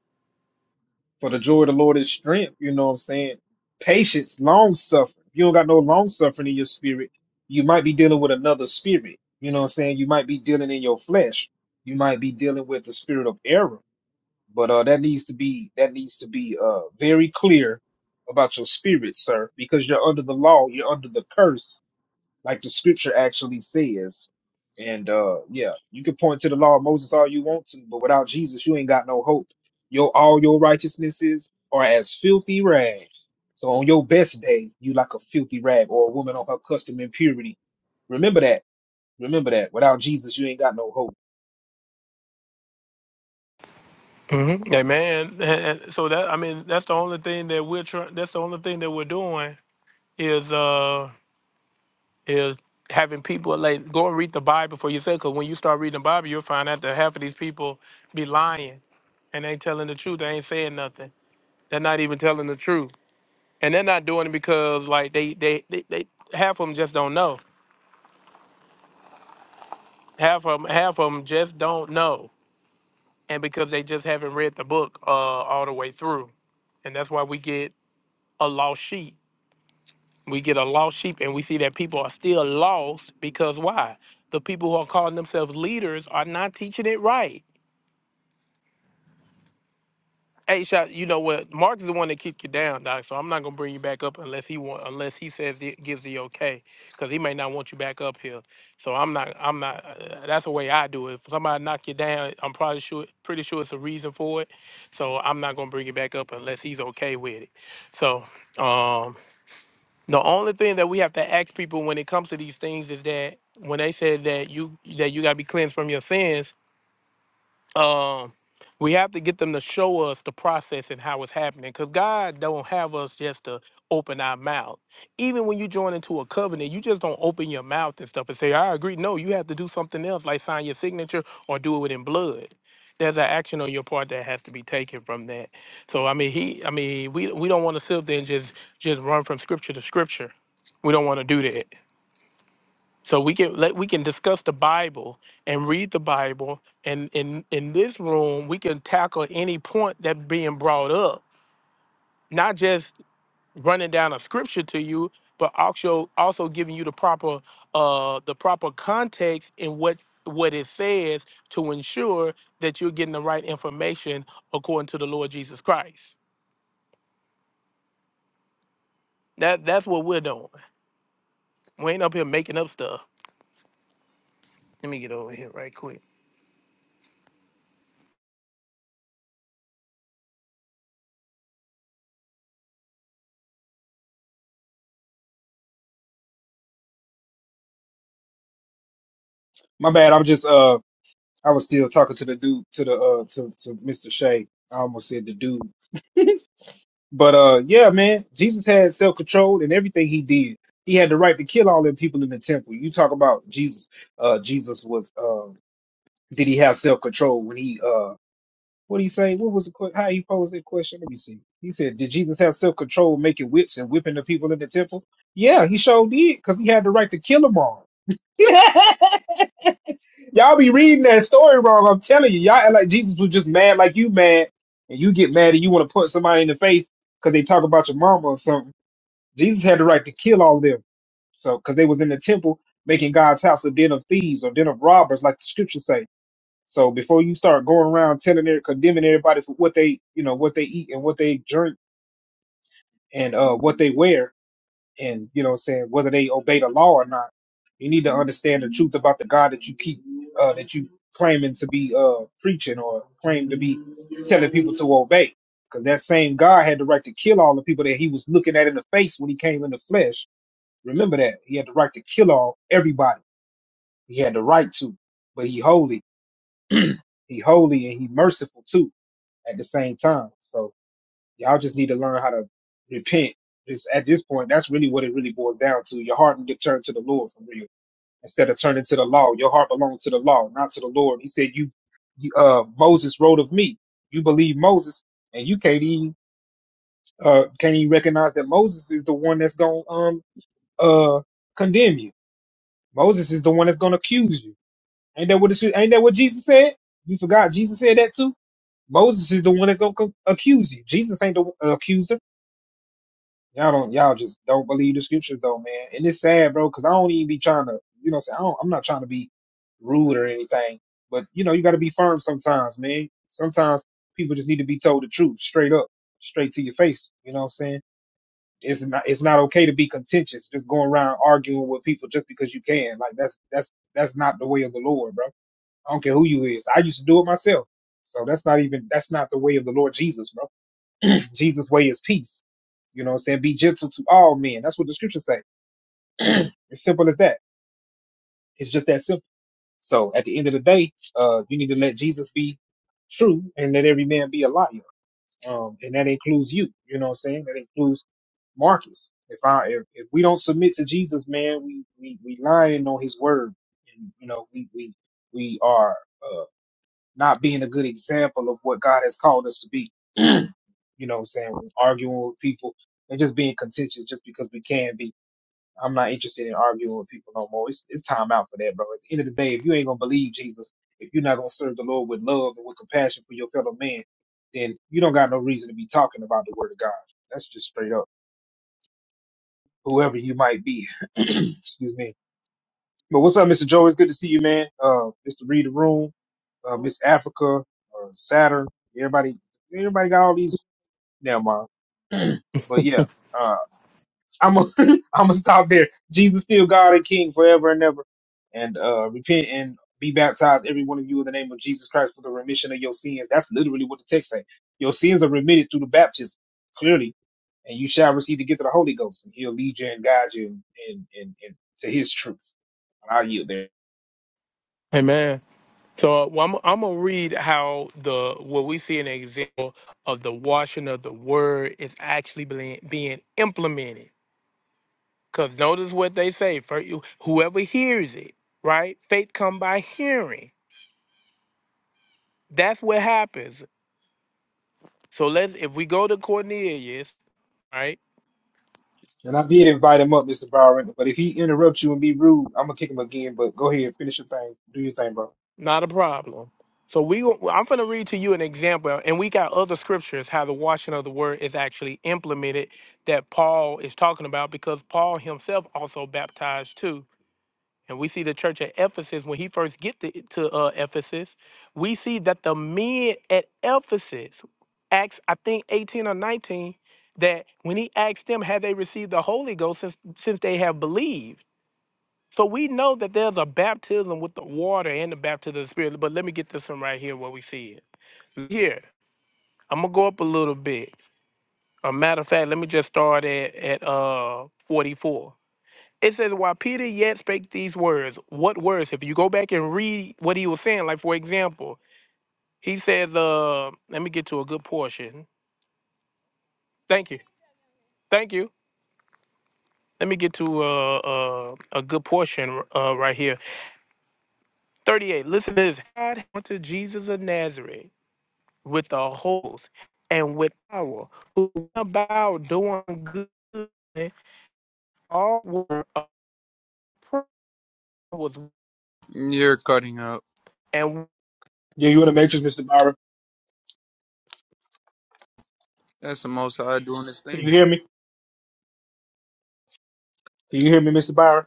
[SPEAKER 2] For the joy of the Lord is strength. You know what I'm saying? Patience, long suffering. If you don't got no long suffering in your spirit, you might be dealing with another spirit. You know what I'm saying? You might be dealing in your flesh. You might be dealing with the spirit of error but uh, that needs to be that needs to be uh, very clear about your spirit, sir, because you're under the law, you're under the curse, like the scripture actually says. And uh, yeah, you can point to the law of Moses all you want to, but without Jesus, you ain't got no hope. Your all your righteousnesses are as filthy rags. So on your best day, you like a filthy rag or a woman on her custom impurity. Remember that. Remember that. Without Jesus, you ain't got no hope.
[SPEAKER 1] hmm Amen. And, and so that I mean, that's the only thing that we're trying. That's the only thing that we're doing is uh is having people like go and read the Bible for yourself. Because when you start reading the Bible, you'll find out that half of these people be lying and they ain't telling the truth. They ain't saying nothing. They're not even telling the truth, and they're not doing it because like they they they, they half of them just don't know. Half of them half of them just don't know, and because they just haven't read the book uh all the way through, and that's why we get a lost sheep We get a lost sheep and we see that people are still lost because why? The people who are calling themselves leaders are not teaching it right. Hey, shot, you know what? Mark is the one that kicked you down, Doc. So I'm not gonna bring you back up unless he want, unless he says he gives the okay, because he may not want you back up here. So I'm not, I'm not. Uh, that's the way I do it. If somebody knock you down, I'm probably sure, pretty sure it's a reason for it. So I'm not gonna bring you back up unless he's okay with it. So, um, The only thing that we have to ask people when it comes to these things is that when they said that you that you gotta be cleansed from your sins, um we have to get them to show us the process and how it's happening because god don't have us just to open our mouth even when you join into a covenant you just don't open your mouth and stuff and say i agree no you have to do something else like sign your signature or do it in blood there's an action on your part that has to be taken from that so i mean he i mean we, we don't want to sit up there and just just run from scripture to scripture we don't want to do that so we can let we can discuss the Bible and read the Bible, and in in this room we can tackle any point that being brought up, not just running down a scripture to you, but also also giving you the proper uh the proper context in what what it says to ensure that you're getting the right information according to the Lord Jesus Christ. That that's what we're doing. We ain't up here making up stuff. Let me get over here right quick.
[SPEAKER 2] My bad. I'm just uh I was still talking to the dude, to the uh, to to Mr. Shea. I almost said the dude, but uh, yeah, man, Jesus had self control in everything he did. He had the right to kill all them people in the temple. You talk about Jesus. Uh, Jesus was. Uh, did he have self control when he? Uh, what do you say? What was the que- how he posed that question? Let me see. He said, "Did Jesus have self control making whips and whipping the people in the temple?" Yeah, he sure did, because he had the right to kill them all. Y'all be reading that story wrong. I'm telling you, y'all act like Jesus was just mad, like you mad, and you get mad and you want to punch somebody in the face because they talk about your mama or something. Jesus had the right to kill all of them, so because they was in the temple making God's house a den of thieves or den of robbers, like the scriptures say. So before you start going around telling and condemning everybody for what they, you know, what they eat and what they drink and uh, what they wear, and you know what I'm saying whether they obey the law or not you need to understand the truth about the god that you keep uh that you claiming to be uh preaching or claim to be telling people to obey because that same god had the right to kill all the people that he was looking at in the face when he came in the flesh remember that he had the right to kill all everybody he had the right to but he holy he holy and he merciful too at the same time so Y'all just need to learn how to repent. Just at this point, that's really what it really boils down to. Your heart need to turn to the Lord for real, instead of turning to the law. Your heart belongs to the law, not to the Lord. He said, "You, you uh, Moses wrote of me. You believe Moses, and you can't even uh, can't even recognize that Moses is the one that's gonna um uh condemn you. Moses is the one that's gonna accuse you. Ain't that what it, ain't that what Jesus said? You forgot Jesus said that too. Moses is the one that's gonna co- accuse you. Jesus ain't the uh, accuser. Y'all don't, y'all just don't believe the scriptures though, man. And it's sad, bro, because I don't even be trying to, you know, say I don't, I'm not trying to be rude or anything, but you know, you got to be firm sometimes, man. Sometimes people just need to be told the truth, straight up, straight to your face. You know what I'm saying? It's not, it's not okay to be contentious, just going around arguing with people just because you can. Like that's, that's, that's not the way of the Lord, bro. I don't care who you is. I used to do it myself, so that's not even, that's not the way of the Lord Jesus, bro. Jesus' way is peace. You know what I'm saying? Be gentle to all men. That's what the scriptures say. it's simple as that. It's just that simple. So at the end of the day, uh, you need to let Jesus be true and let every man be a liar. Um, and that includes you. You know what I'm saying? That includes Marcus. If I if, if we don't submit to Jesus, man, we we we lying on His word, and you know we we we are. uh, not being a good example of what God has called us to be. you know what I'm saying? Arguing with people and just being contentious just because we can be. I'm not interested in arguing with people no more. It's, it's time out for that, bro. At the end of the day, if you ain't gonna believe Jesus, if you're not gonna serve the Lord with love and with compassion for your fellow man, then you don't got no reason to be talking about the word of God. That's just straight up. Whoever you might be. Excuse me. But what's up, Mr. Joe? It's good to see you, man. Uh, Mr. Read the Room, uh, Miss Africa, uh, Saturn. Everybody, everybody got all these damn uh, But yeah, uh, I'm i I'm gonna stop there. Jesus still God and King forever and ever, and uh, repent and be baptized, every one of you, in the name of Jesus Christ for the remission of your sins. That's literally what the text says. Your sins are remitted through the baptism, clearly, and you shall receive the gift of the Holy Ghost, and He'll lead you and guide you and and, and to His truth. And I'll yield there.
[SPEAKER 1] Amen. So uh, well, I'm, I'm gonna read how the what we see an example of the washing of the word is actually being being implemented. Cause notice what they say for you, whoever hears it, right? Faith come by hearing. That's what happens. So let's if we go to Cornelius, right?
[SPEAKER 2] And I did invite him up, Mr. Byron. But if he interrupts you and be rude, I'm gonna kick him again. But go ahead, finish your thing. Do your thing, bro.
[SPEAKER 1] Not a problem. So we gon- I'm gonna read to you an example, and we got other scriptures how the washing of the word is actually implemented that Paul is talking about because Paul himself also baptized too and we see the church at Ephesus when he first gets to, to uh, Ephesus, we see that the men at Ephesus, Acts I think eighteen or nineteen, that when he asked them, had they received the Holy Ghost since since they have believed? So we know that there's a baptism with the water and the baptism of the Spirit. But let me get this one right here where we see it. Here, I'm gonna go up a little bit. A matter of fact, let me just start at at uh 44. It says, while Peter yet spake these words, what words? If you go back and read what he was saying, like for example, he says, uh, let me get to a good portion. Thank you. Thank you. Let me get to uh, uh, a good portion uh, right here. 38. Listen to this. God unto Jesus of Nazareth with the host and with power, who went about doing good in all were was
[SPEAKER 5] You're cutting up.
[SPEAKER 1] and
[SPEAKER 2] Yeah, you in the matrix, Mr. Byron.
[SPEAKER 5] That's the most I doing this
[SPEAKER 2] Can you
[SPEAKER 5] thing.
[SPEAKER 2] hear me? Can you hear me, Mr. Byron?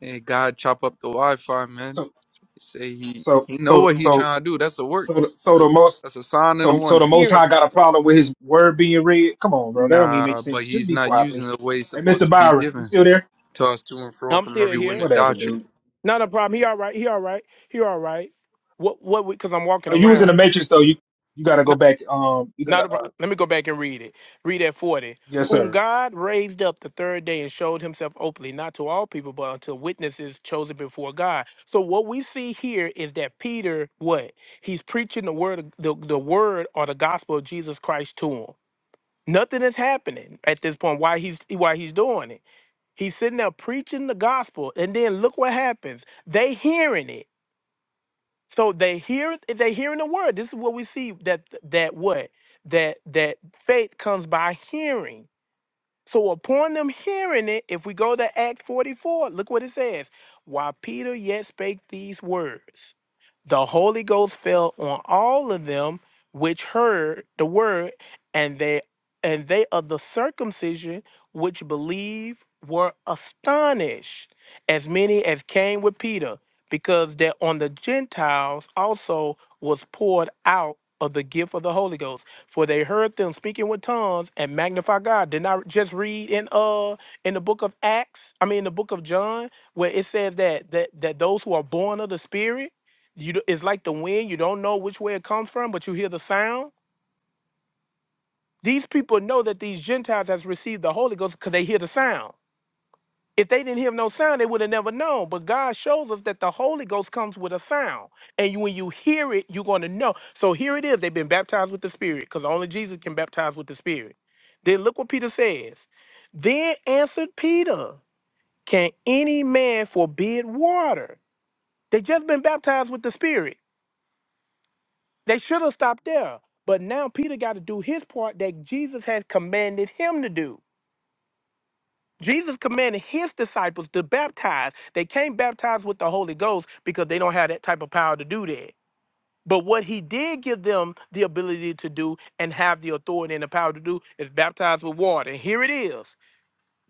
[SPEAKER 5] Hey, God, chop up the Wi-Fi, man.
[SPEAKER 2] So,
[SPEAKER 5] Say he
[SPEAKER 2] so,
[SPEAKER 5] he know
[SPEAKER 2] so,
[SPEAKER 5] what he
[SPEAKER 2] so,
[SPEAKER 5] trying to do. That's the
[SPEAKER 2] so,
[SPEAKER 5] works.
[SPEAKER 2] so the
[SPEAKER 5] That's,
[SPEAKER 2] most,
[SPEAKER 5] that's a sign and a
[SPEAKER 2] so, so the
[SPEAKER 5] wonder.
[SPEAKER 2] Most
[SPEAKER 1] hearing.
[SPEAKER 2] High got a problem with his word being read. Come on, bro. That don't even make
[SPEAKER 5] Nah, but
[SPEAKER 2] sense. Just
[SPEAKER 5] he's
[SPEAKER 2] be
[SPEAKER 5] not
[SPEAKER 2] quiet,
[SPEAKER 5] using
[SPEAKER 2] please.
[SPEAKER 5] the way it's
[SPEAKER 2] Hey,
[SPEAKER 5] supposed
[SPEAKER 2] Mr.
[SPEAKER 5] to be
[SPEAKER 2] Byron, you
[SPEAKER 5] given.
[SPEAKER 2] still there?
[SPEAKER 5] Tossed to and fro
[SPEAKER 1] I'm
[SPEAKER 5] from
[SPEAKER 1] still
[SPEAKER 5] every
[SPEAKER 1] here.
[SPEAKER 5] wind of
[SPEAKER 2] Whatever,
[SPEAKER 5] doctrine.
[SPEAKER 2] dude.
[SPEAKER 1] Not a problem. He all right. He all right. He all right. What what because I'm walking
[SPEAKER 2] No, you was in the
[SPEAKER 1] around.
[SPEAKER 2] matrix though. You, you gotta go
[SPEAKER 1] Not,
[SPEAKER 2] back. Um, you gotta.
[SPEAKER 1] not a
[SPEAKER 2] Uh,
[SPEAKER 1] problem. Let me go back and read it. Read at 40.
[SPEAKER 2] yes,
[SPEAKER 1] Whom
[SPEAKER 2] sir.
[SPEAKER 1] God raised up the third day and showed himself openly, not to all people, but unto witnesses chosen before God. So what we see here is that Peter, what? He's preaching the word of- the, the word or the gospel of Jesus Christ to him. Nothing is happening at this point. Why he's why he's doing it. He's sitting there preaching the gospel, and then look what happens. They hearing it So they hear they hearing the word. This is what we see that that what that that faith comes by hearing. So upon them hearing it, if we go to Acts 44, look what it says. While Peter yet spake these words, the Holy Ghost fell on all of them which heard the word, and they and they of the circumcision which believe were astonished, as many as came with Peter, because that on the Gentiles also was poured out of the gift of the Holy Ghost. For they heard them speaking with tongues and magnify God. Did not just read in uh in the book of Acts, I mean in the book of John, where it says that that that those who are born of the Spirit, you d- it's like the wind, you don't know which way it comes from, but you hear the sound. These people know that these Gentiles has received the Holy Ghost because they hear the sound. If they didn't hear no sound, they would have never known. But God shows us that the Holy Ghost comes with a sound. And you, when you hear it, you're going to know. So here it is. They've been baptized with the Spirit because only Jesus can baptize with the Spirit. Then look what Peter says. Then answered Peter, Can any man forbid water? They just been baptized with the Spirit. They should have stopped there. But now Peter got to do his part that Jesus had commanded him to do. Jesus commanded his disciples to baptize. They can't baptize with the Holy Ghost because they don't have that type of power to do that. But what he did give them the ability to do and have the authority and the power to do is baptize with water. And here it is.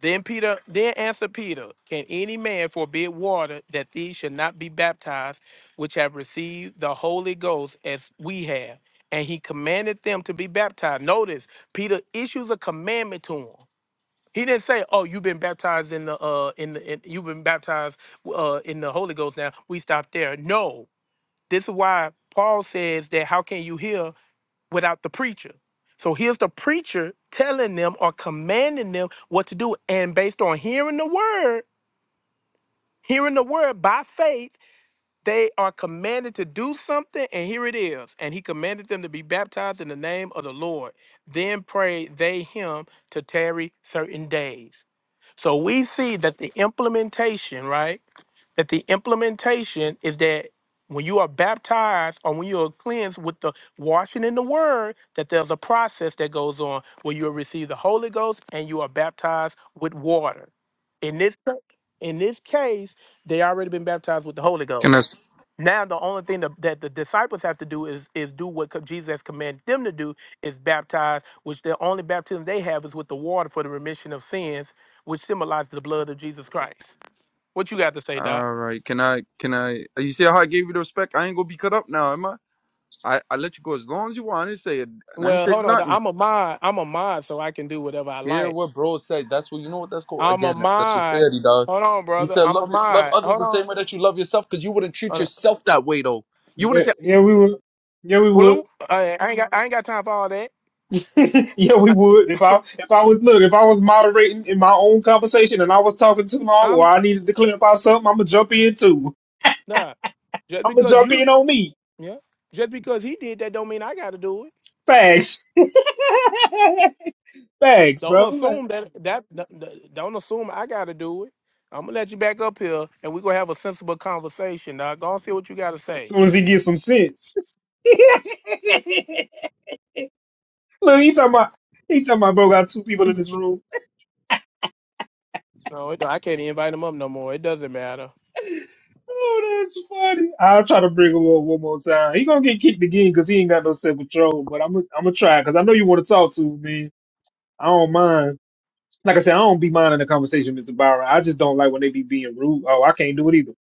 [SPEAKER 1] Then Peter, then answered Peter, Can any man forbid water that these should not be baptized, which have received the Holy Ghost as we have? And he commanded them to be baptized. Notice, Peter issues a commandment to them. He didn't say, "Oh, you've been baptized in the uh in the in, you've been baptized uh in the Holy Ghost." Now we stop there. No, this is why Paul says that how can you hear without the preacher? So here's the preacher telling them or commanding them what to do, and based on hearing the word, hearing the word by faith, they are commanded to do something, and here it is. And he commanded them to be baptized in the name of the Lord. Then pray they him to tarry certain days. So we see that the implementation, right? That the implementation is that when you are baptized or when you are cleansed with the washing in the word, that there's a process that goes on where you receive the Holy Ghost and you are baptized with water. In this in this case, they already been baptized with the Holy
[SPEAKER 5] Can I?
[SPEAKER 1] Ghost. Now the only thing that, that the disciples have to do is is do what co- Jesus has commanded them to do is baptize, which the only baptism they have is with the water for the remission of sins, which symbolizes the blood of Jesus Christ. What you got to say, Doc?
[SPEAKER 5] All right. Can I? Can I? You see how I gave you the respect? I ain't gonna be cut up now, am I? I, I let you go as long as you want. I didn't say it. I didn't
[SPEAKER 1] Well,
[SPEAKER 5] say
[SPEAKER 1] hold on. Doc.
[SPEAKER 5] nothing.
[SPEAKER 1] I'm a mod. I'm a mod, so I can do whatever I
[SPEAKER 5] Hear
[SPEAKER 1] like.
[SPEAKER 5] what bro said. That's what you know. What that's called
[SPEAKER 1] I'm a
[SPEAKER 5] again. That's, that's your
[SPEAKER 1] mod.
[SPEAKER 5] parody, dog.
[SPEAKER 1] Hold on,
[SPEAKER 5] He
[SPEAKER 1] brother.
[SPEAKER 5] said
[SPEAKER 1] I'm a
[SPEAKER 5] love your- love
[SPEAKER 1] mod.
[SPEAKER 5] others
[SPEAKER 1] Hold
[SPEAKER 5] the
[SPEAKER 1] on.
[SPEAKER 5] same way that you love yourself, because you wouldn't treat
[SPEAKER 1] Hold on.
[SPEAKER 5] yourself that way though. You wouldn't say.
[SPEAKER 2] Yeah, yeah, we were. Yeah, we would.
[SPEAKER 1] Blue. I, I ain't got. I ain't got time for all that.
[SPEAKER 2] yeah, we
[SPEAKER 1] I,
[SPEAKER 2] would. If I if I was look, if I was moderating in my own conversation and I was talking too long or
[SPEAKER 1] I'm
[SPEAKER 2] I needed to clarify something, I'm gonna jump in too.
[SPEAKER 1] nah. Just
[SPEAKER 2] I'm gonna
[SPEAKER 1] because
[SPEAKER 2] jump
[SPEAKER 1] you,
[SPEAKER 2] in on me.
[SPEAKER 1] yeah. Just because he did that, don't mean I got to do it.
[SPEAKER 2] Facts. Facts,
[SPEAKER 1] Don't
[SPEAKER 2] bro. Like, as
[SPEAKER 1] assume that that no, no, don't assume I gotta do it. I'm gonna let you back up here and we're gonna have a sensible conversation. Now go and see what you gotta say.
[SPEAKER 2] soon as he gets some sense. look, he talking about he talking about bro got two people in this room.
[SPEAKER 1] No, it, don't- I can't invite him up no more. It doesn't matter.
[SPEAKER 2] Oh, that's funny. I'll try to bring him up one more time. He gonna get kicked again because he ain't got no self control. But I'm gonna I'm gonna try because I know you want to talk to me. I don't mind. Like I said, I don't be minding the conversation, Mr. Byron. I just don't like when they be being rude. Oh, I can't do it either.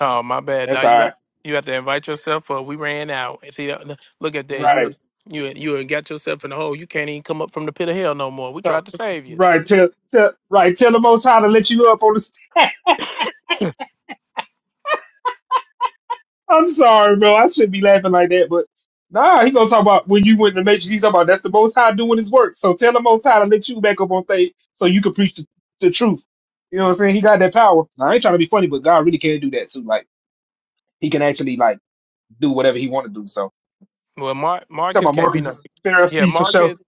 [SPEAKER 1] Oh my bad,
[SPEAKER 2] That's
[SPEAKER 1] Doc.
[SPEAKER 2] all
[SPEAKER 1] You
[SPEAKER 2] right.
[SPEAKER 1] got you have to
[SPEAKER 2] Yeah.
[SPEAKER 1] invite yourself up. We ran out. And See uh, look at that. You
[SPEAKER 2] Right.
[SPEAKER 1] you you got yourself in the hole. You can't even come up from the pit of hell no more. We
[SPEAKER 2] So,
[SPEAKER 1] tried to save you.
[SPEAKER 2] right. Tell, tell, right. Tell the most high to let you up on the. st- I'm sorry, bro. I shouldn't be laughing like that, but nah, he gonna talk about when you went in the matrix. He's talking about that's the most high doing his work. So tell the most high to let you back up on stage so you can preach the, the truth. You know what I'm saying? He got that power. Now, I ain't trying to be funny, but God really can do that too. Like he can actually like do whatever he want to do. So
[SPEAKER 1] Well Mar-
[SPEAKER 2] talking
[SPEAKER 1] Marcus
[SPEAKER 2] about
[SPEAKER 1] can't be
[SPEAKER 2] Marcus
[SPEAKER 1] no
[SPEAKER 2] is
[SPEAKER 1] Yeah,
[SPEAKER 2] Pharisee for sure.
[SPEAKER 1] Marcus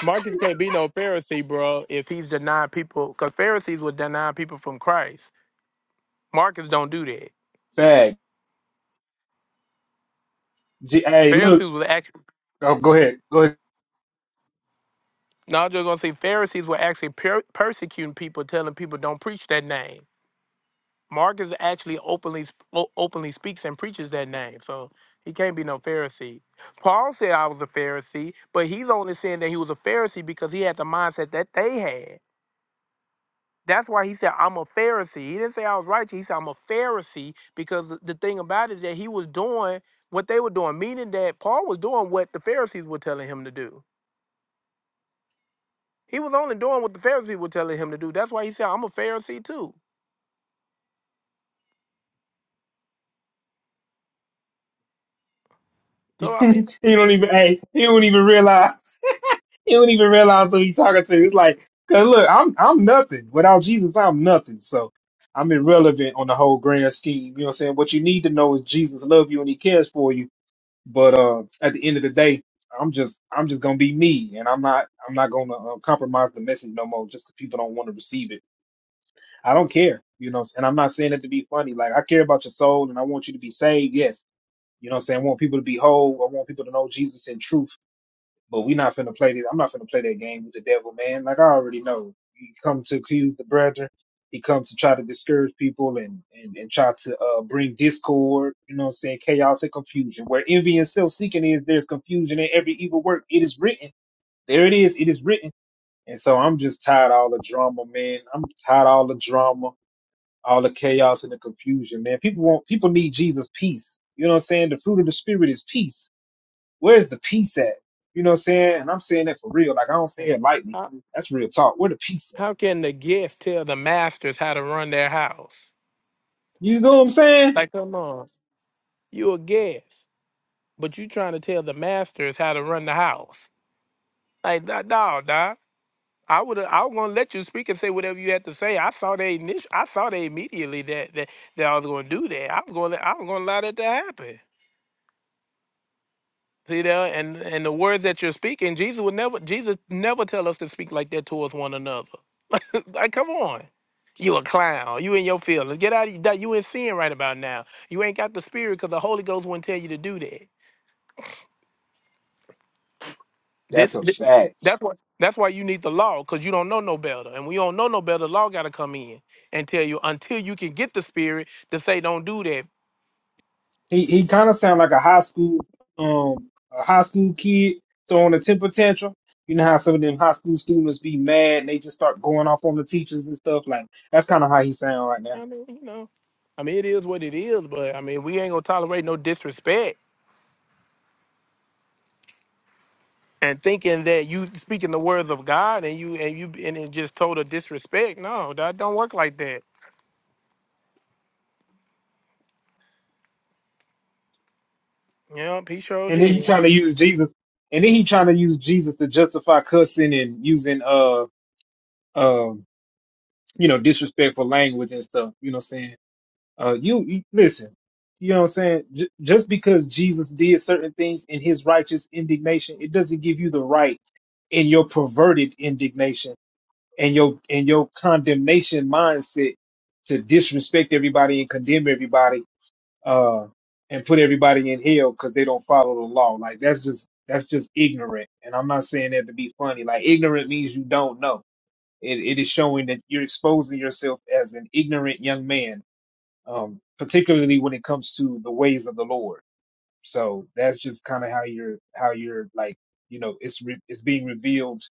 [SPEAKER 1] Marcus can't be no Pharisee, bro, if he's denying people because Pharisees would deny people from Christ. Marcus don't do that.
[SPEAKER 2] Facts. G- hey, look.
[SPEAKER 1] Pharisees was actually
[SPEAKER 2] Oh, go ahead. Go ahead.
[SPEAKER 1] now I'm just gonna say Pharisees were actually per- persecuting people, telling people don't preach that name. Marcus actually openly sp- o- openly speaks and preaches that name, so he can't be no Pharisee. Paul said I was a Pharisee, but he's only saying that he was a Pharisee because he had the mindset that they had. That's why he said I'm a Pharisee. He didn't say I was righteous. He said I'm a Pharisee because the the thing about it is that he was doing what they were doing, meaning that Paul was doing what the Pharisees were telling him to do. He was only doing what the Pharisees were telling him to do. That's why he said, I'm a Pharisee too. So, I mean,
[SPEAKER 2] he don't even. Hey, he don't even realize. He don't even realize who he talking to. It's like, cause look, I'm I'm nothing without Jesus. I'm nothing. So I'm irrelevant on the whole grand scheme. You know what I'm saying? What you need to know is Jesus love you and He cares for you. But uh, at the end of the day, I'm just I'm just gonna be me, and I'm not I'm not gonna uh, compromise the message no more just 'cause people don't want to receive it. I don't care, you know. And I'm not saying it to be funny. Like I care about your soul, and I want you to be saved. Yes, You know what I'm saying? I want people to be whole. I want people to know Jesus in truth. But we not finna play that. I'm not finna play that game with the devil, man. Like I already know. He come to accuse the brethren. He comes to try to discourage people and, and, and try to uh, bring discord, you know what I'm saying, chaos and confusion. Where envy and self-seeking is, there's confusion in every evil work. It is written. There it is. It is written. And so I'm just tired of all the drama, man. I'm tired of all the drama all the chaos and the confusion, man. People want people need Jesus peace. You know what I'm saying? The fruit of the spirit is peace. Where's the peace at? You know what I'm saying? And I'm saying that for real. Like I don't say it lightly.
[SPEAKER 1] how
[SPEAKER 2] That's real talk. Where the peace at?
[SPEAKER 1] how can the guest tell the masters how to run their house?
[SPEAKER 2] You know what I'm saying?
[SPEAKER 1] Like, you a guest, but you trying to tell the masters how to run the house. Like, nah, nah, nah. I would I was gonna let you speak and say whatever you had to say. I saw they initial, I saw they immediately that, that that I was gonna do that. I was gonna I was gonna allow that to happen. See there, and and the words that you're speaking, Jesus would never, Jesus never tell us to speak like that towards one another. like, come on, you a clown, you in your feelings. Get out of that. You in sin right about now. You ain't got the spirit because the Holy Ghost wouldn't tell you to do that. This,
[SPEAKER 2] That's a
[SPEAKER 1] th-
[SPEAKER 2] fact.
[SPEAKER 1] that's why, that's why you need the law because you don't know no better, and we don't know no better. The law got to come in and tell you until you can get the spirit to say don't do that.
[SPEAKER 2] He he kind of sound like a high school um a high school kid throwing a temper tantrum. You know how some of them high school students be mad and they just start going off on the teachers and stuff. Like that's kind of how he sound right now.
[SPEAKER 1] I mean, you know, I mean it is what it is, but I mean we ain't gonna tolerate no disrespect. and thinking that you speaking the words of God and you and you and it just total disrespect. No, that don't work like that. Yep, he sure
[SPEAKER 2] And then he
[SPEAKER 1] did.
[SPEAKER 2] trying to use Jesus. And then he trying to use Jesus to justify cussing and using uh um you know disrespectful language and stuff. You know what I'm saying? Uh, you, you listen. You know what I'm saying? J- just because Jesus did certain things in his righteous indignation, it doesn't give you the right in your perverted indignation and your and your condemnation mindset to disrespect everybody and condemn everybody uh, and put everybody in hell because they don't follow the law. Like that's just that's just ignorant. And I'm not saying that to be funny. Like ignorant means you don't know. It, it is showing that you're exposing yourself as an ignorant young man um, particularly when it comes to the ways of the Lord. So that's just kind of how you're how you're like you know it's re- it's being revealed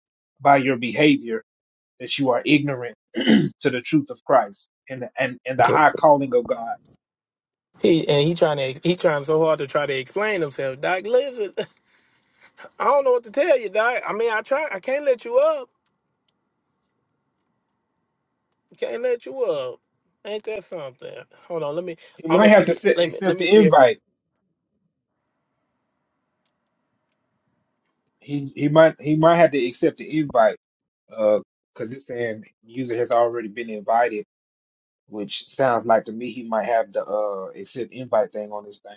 [SPEAKER 2] by your behavior that you are ignorant to the truth of Christ and and and the
[SPEAKER 1] Okay.
[SPEAKER 2] high calling of God.
[SPEAKER 1] He and he trying to he trying so hard to try to explain himself. Doc, listen, I don't know what to tell you, Doc. I mean, I try. I can't let you up. Can't let you up. Ain't that something? Hold on. Let me.
[SPEAKER 2] He
[SPEAKER 1] I'm
[SPEAKER 2] might
[SPEAKER 1] gonna
[SPEAKER 2] have to
[SPEAKER 1] see.
[SPEAKER 2] se-
[SPEAKER 1] Let me. Let
[SPEAKER 2] accept
[SPEAKER 1] me
[SPEAKER 2] the
[SPEAKER 1] see. If,
[SPEAKER 2] invite. He he might he might have to accept the invite because it's saying user has already been invited, which sounds like to me he might have the uh accept invite thing on this thing.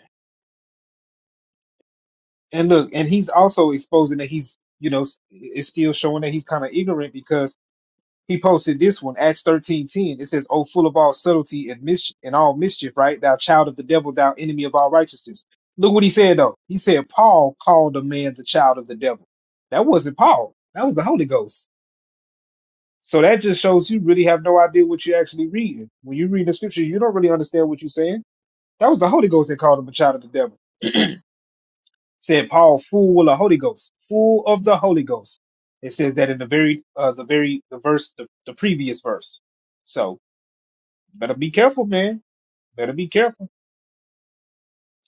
[SPEAKER 2] And look, and he's also exposing that he's, you know, s- is still showing that he's kind of ignorant because he posted this one, Acts thirteen ten. It says, "Oh, full of all subtlety and mis- and all mischief, right? Thou child of the devil, thou enemy of all righteousness." Look what he said though. He said Paul called a man the child of the devil. That wasn't Paul. That was the Holy Ghost. So that just shows you really have no idea what you're actually reading. When you read the scripture, you don't really understand what you're saying. That was the Holy Ghost that called him a child of the devil. said Paul, full of the Holy Ghost, full of the Holy Ghost. It says that in the very, uh, the very, the verse, the, the previous verse. So better be careful, man. Better be careful.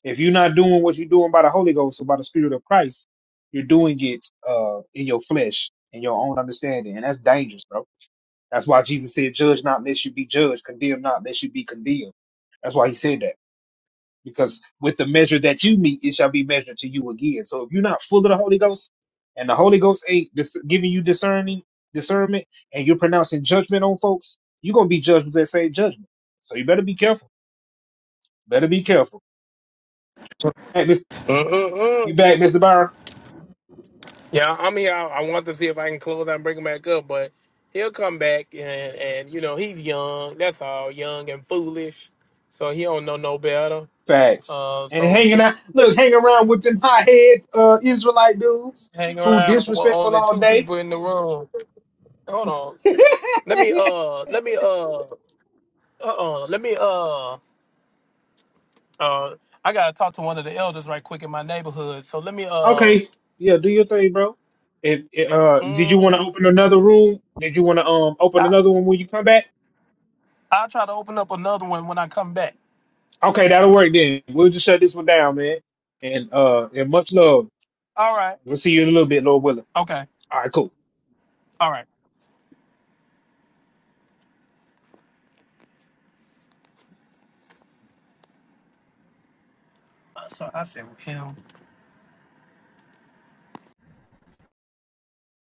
[SPEAKER 2] If you're not doing what you're doing by the Holy Ghost or by the Spirit of Christ, you're doing it, uh, in your flesh, in your own understanding. And that's dangerous, bro. That's why Jesus said, judge not lest you be judged, condemn not lest you be condemned. That's why he said that. because with the measure that you meet, it shall be measured to you again. So if you're not full of the Holy Ghost, and the Holy Ghost ain't dis- giving you discerning discernment, and you're pronouncing judgment on folks, you're gonna be judged with that same judgment. So you better be careful. Better be careful. Hey, Mr.
[SPEAKER 1] Mm-mm-mm.
[SPEAKER 2] you back, Mr. Byron?
[SPEAKER 1] Yeah, I mean, I, I want to see if I can close out and bring him back up, but he'll come back and and you know he's young. That's all, young and foolish, so he don't know no better.
[SPEAKER 2] Facts.
[SPEAKER 1] Uh,
[SPEAKER 2] And
[SPEAKER 1] so
[SPEAKER 2] hanging out, look, hang around with them hot head uh, Israelite dudes
[SPEAKER 1] hang
[SPEAKER 2] who
[SPEAKER 1] around with
[SPEAKER 2] disrespectful
[SPEAKER 1] only
[SPEAKER 2] all
[SPEAKER 1] two
[SPEAKER 2] day.
[SPEAKER 1] people in the room. Hold on, let me uh, let me uh, uh, let me uh, uh, I gotta talk to one of the elders right quick in my neighborhood. So let me uh,
[SPEAKER 2] Okay, yeah, do your thing, bro. If, uh, did you want to
[SPEAKER 1] mhm.
[SPEAKER 2] open another room? Did you want to um open
[SPEAKER 1] I,
[SPEAKER 2] another one when you come back?
[SPEAKER 1] I'll try to open up another one when I come back.
[SPEAKER 2] Okay, that'll work then. We'll just shut this one down, man. And uh, and much love.
[SPEAKER 1] All right.
[SPEAKER 2] We'll see you in a little bit, Lord willing.
[SPEAKER 1] Okay.
[SPEAKER 2] All right, cool.
[SPEAKER 1] All right. Uh, So I said him.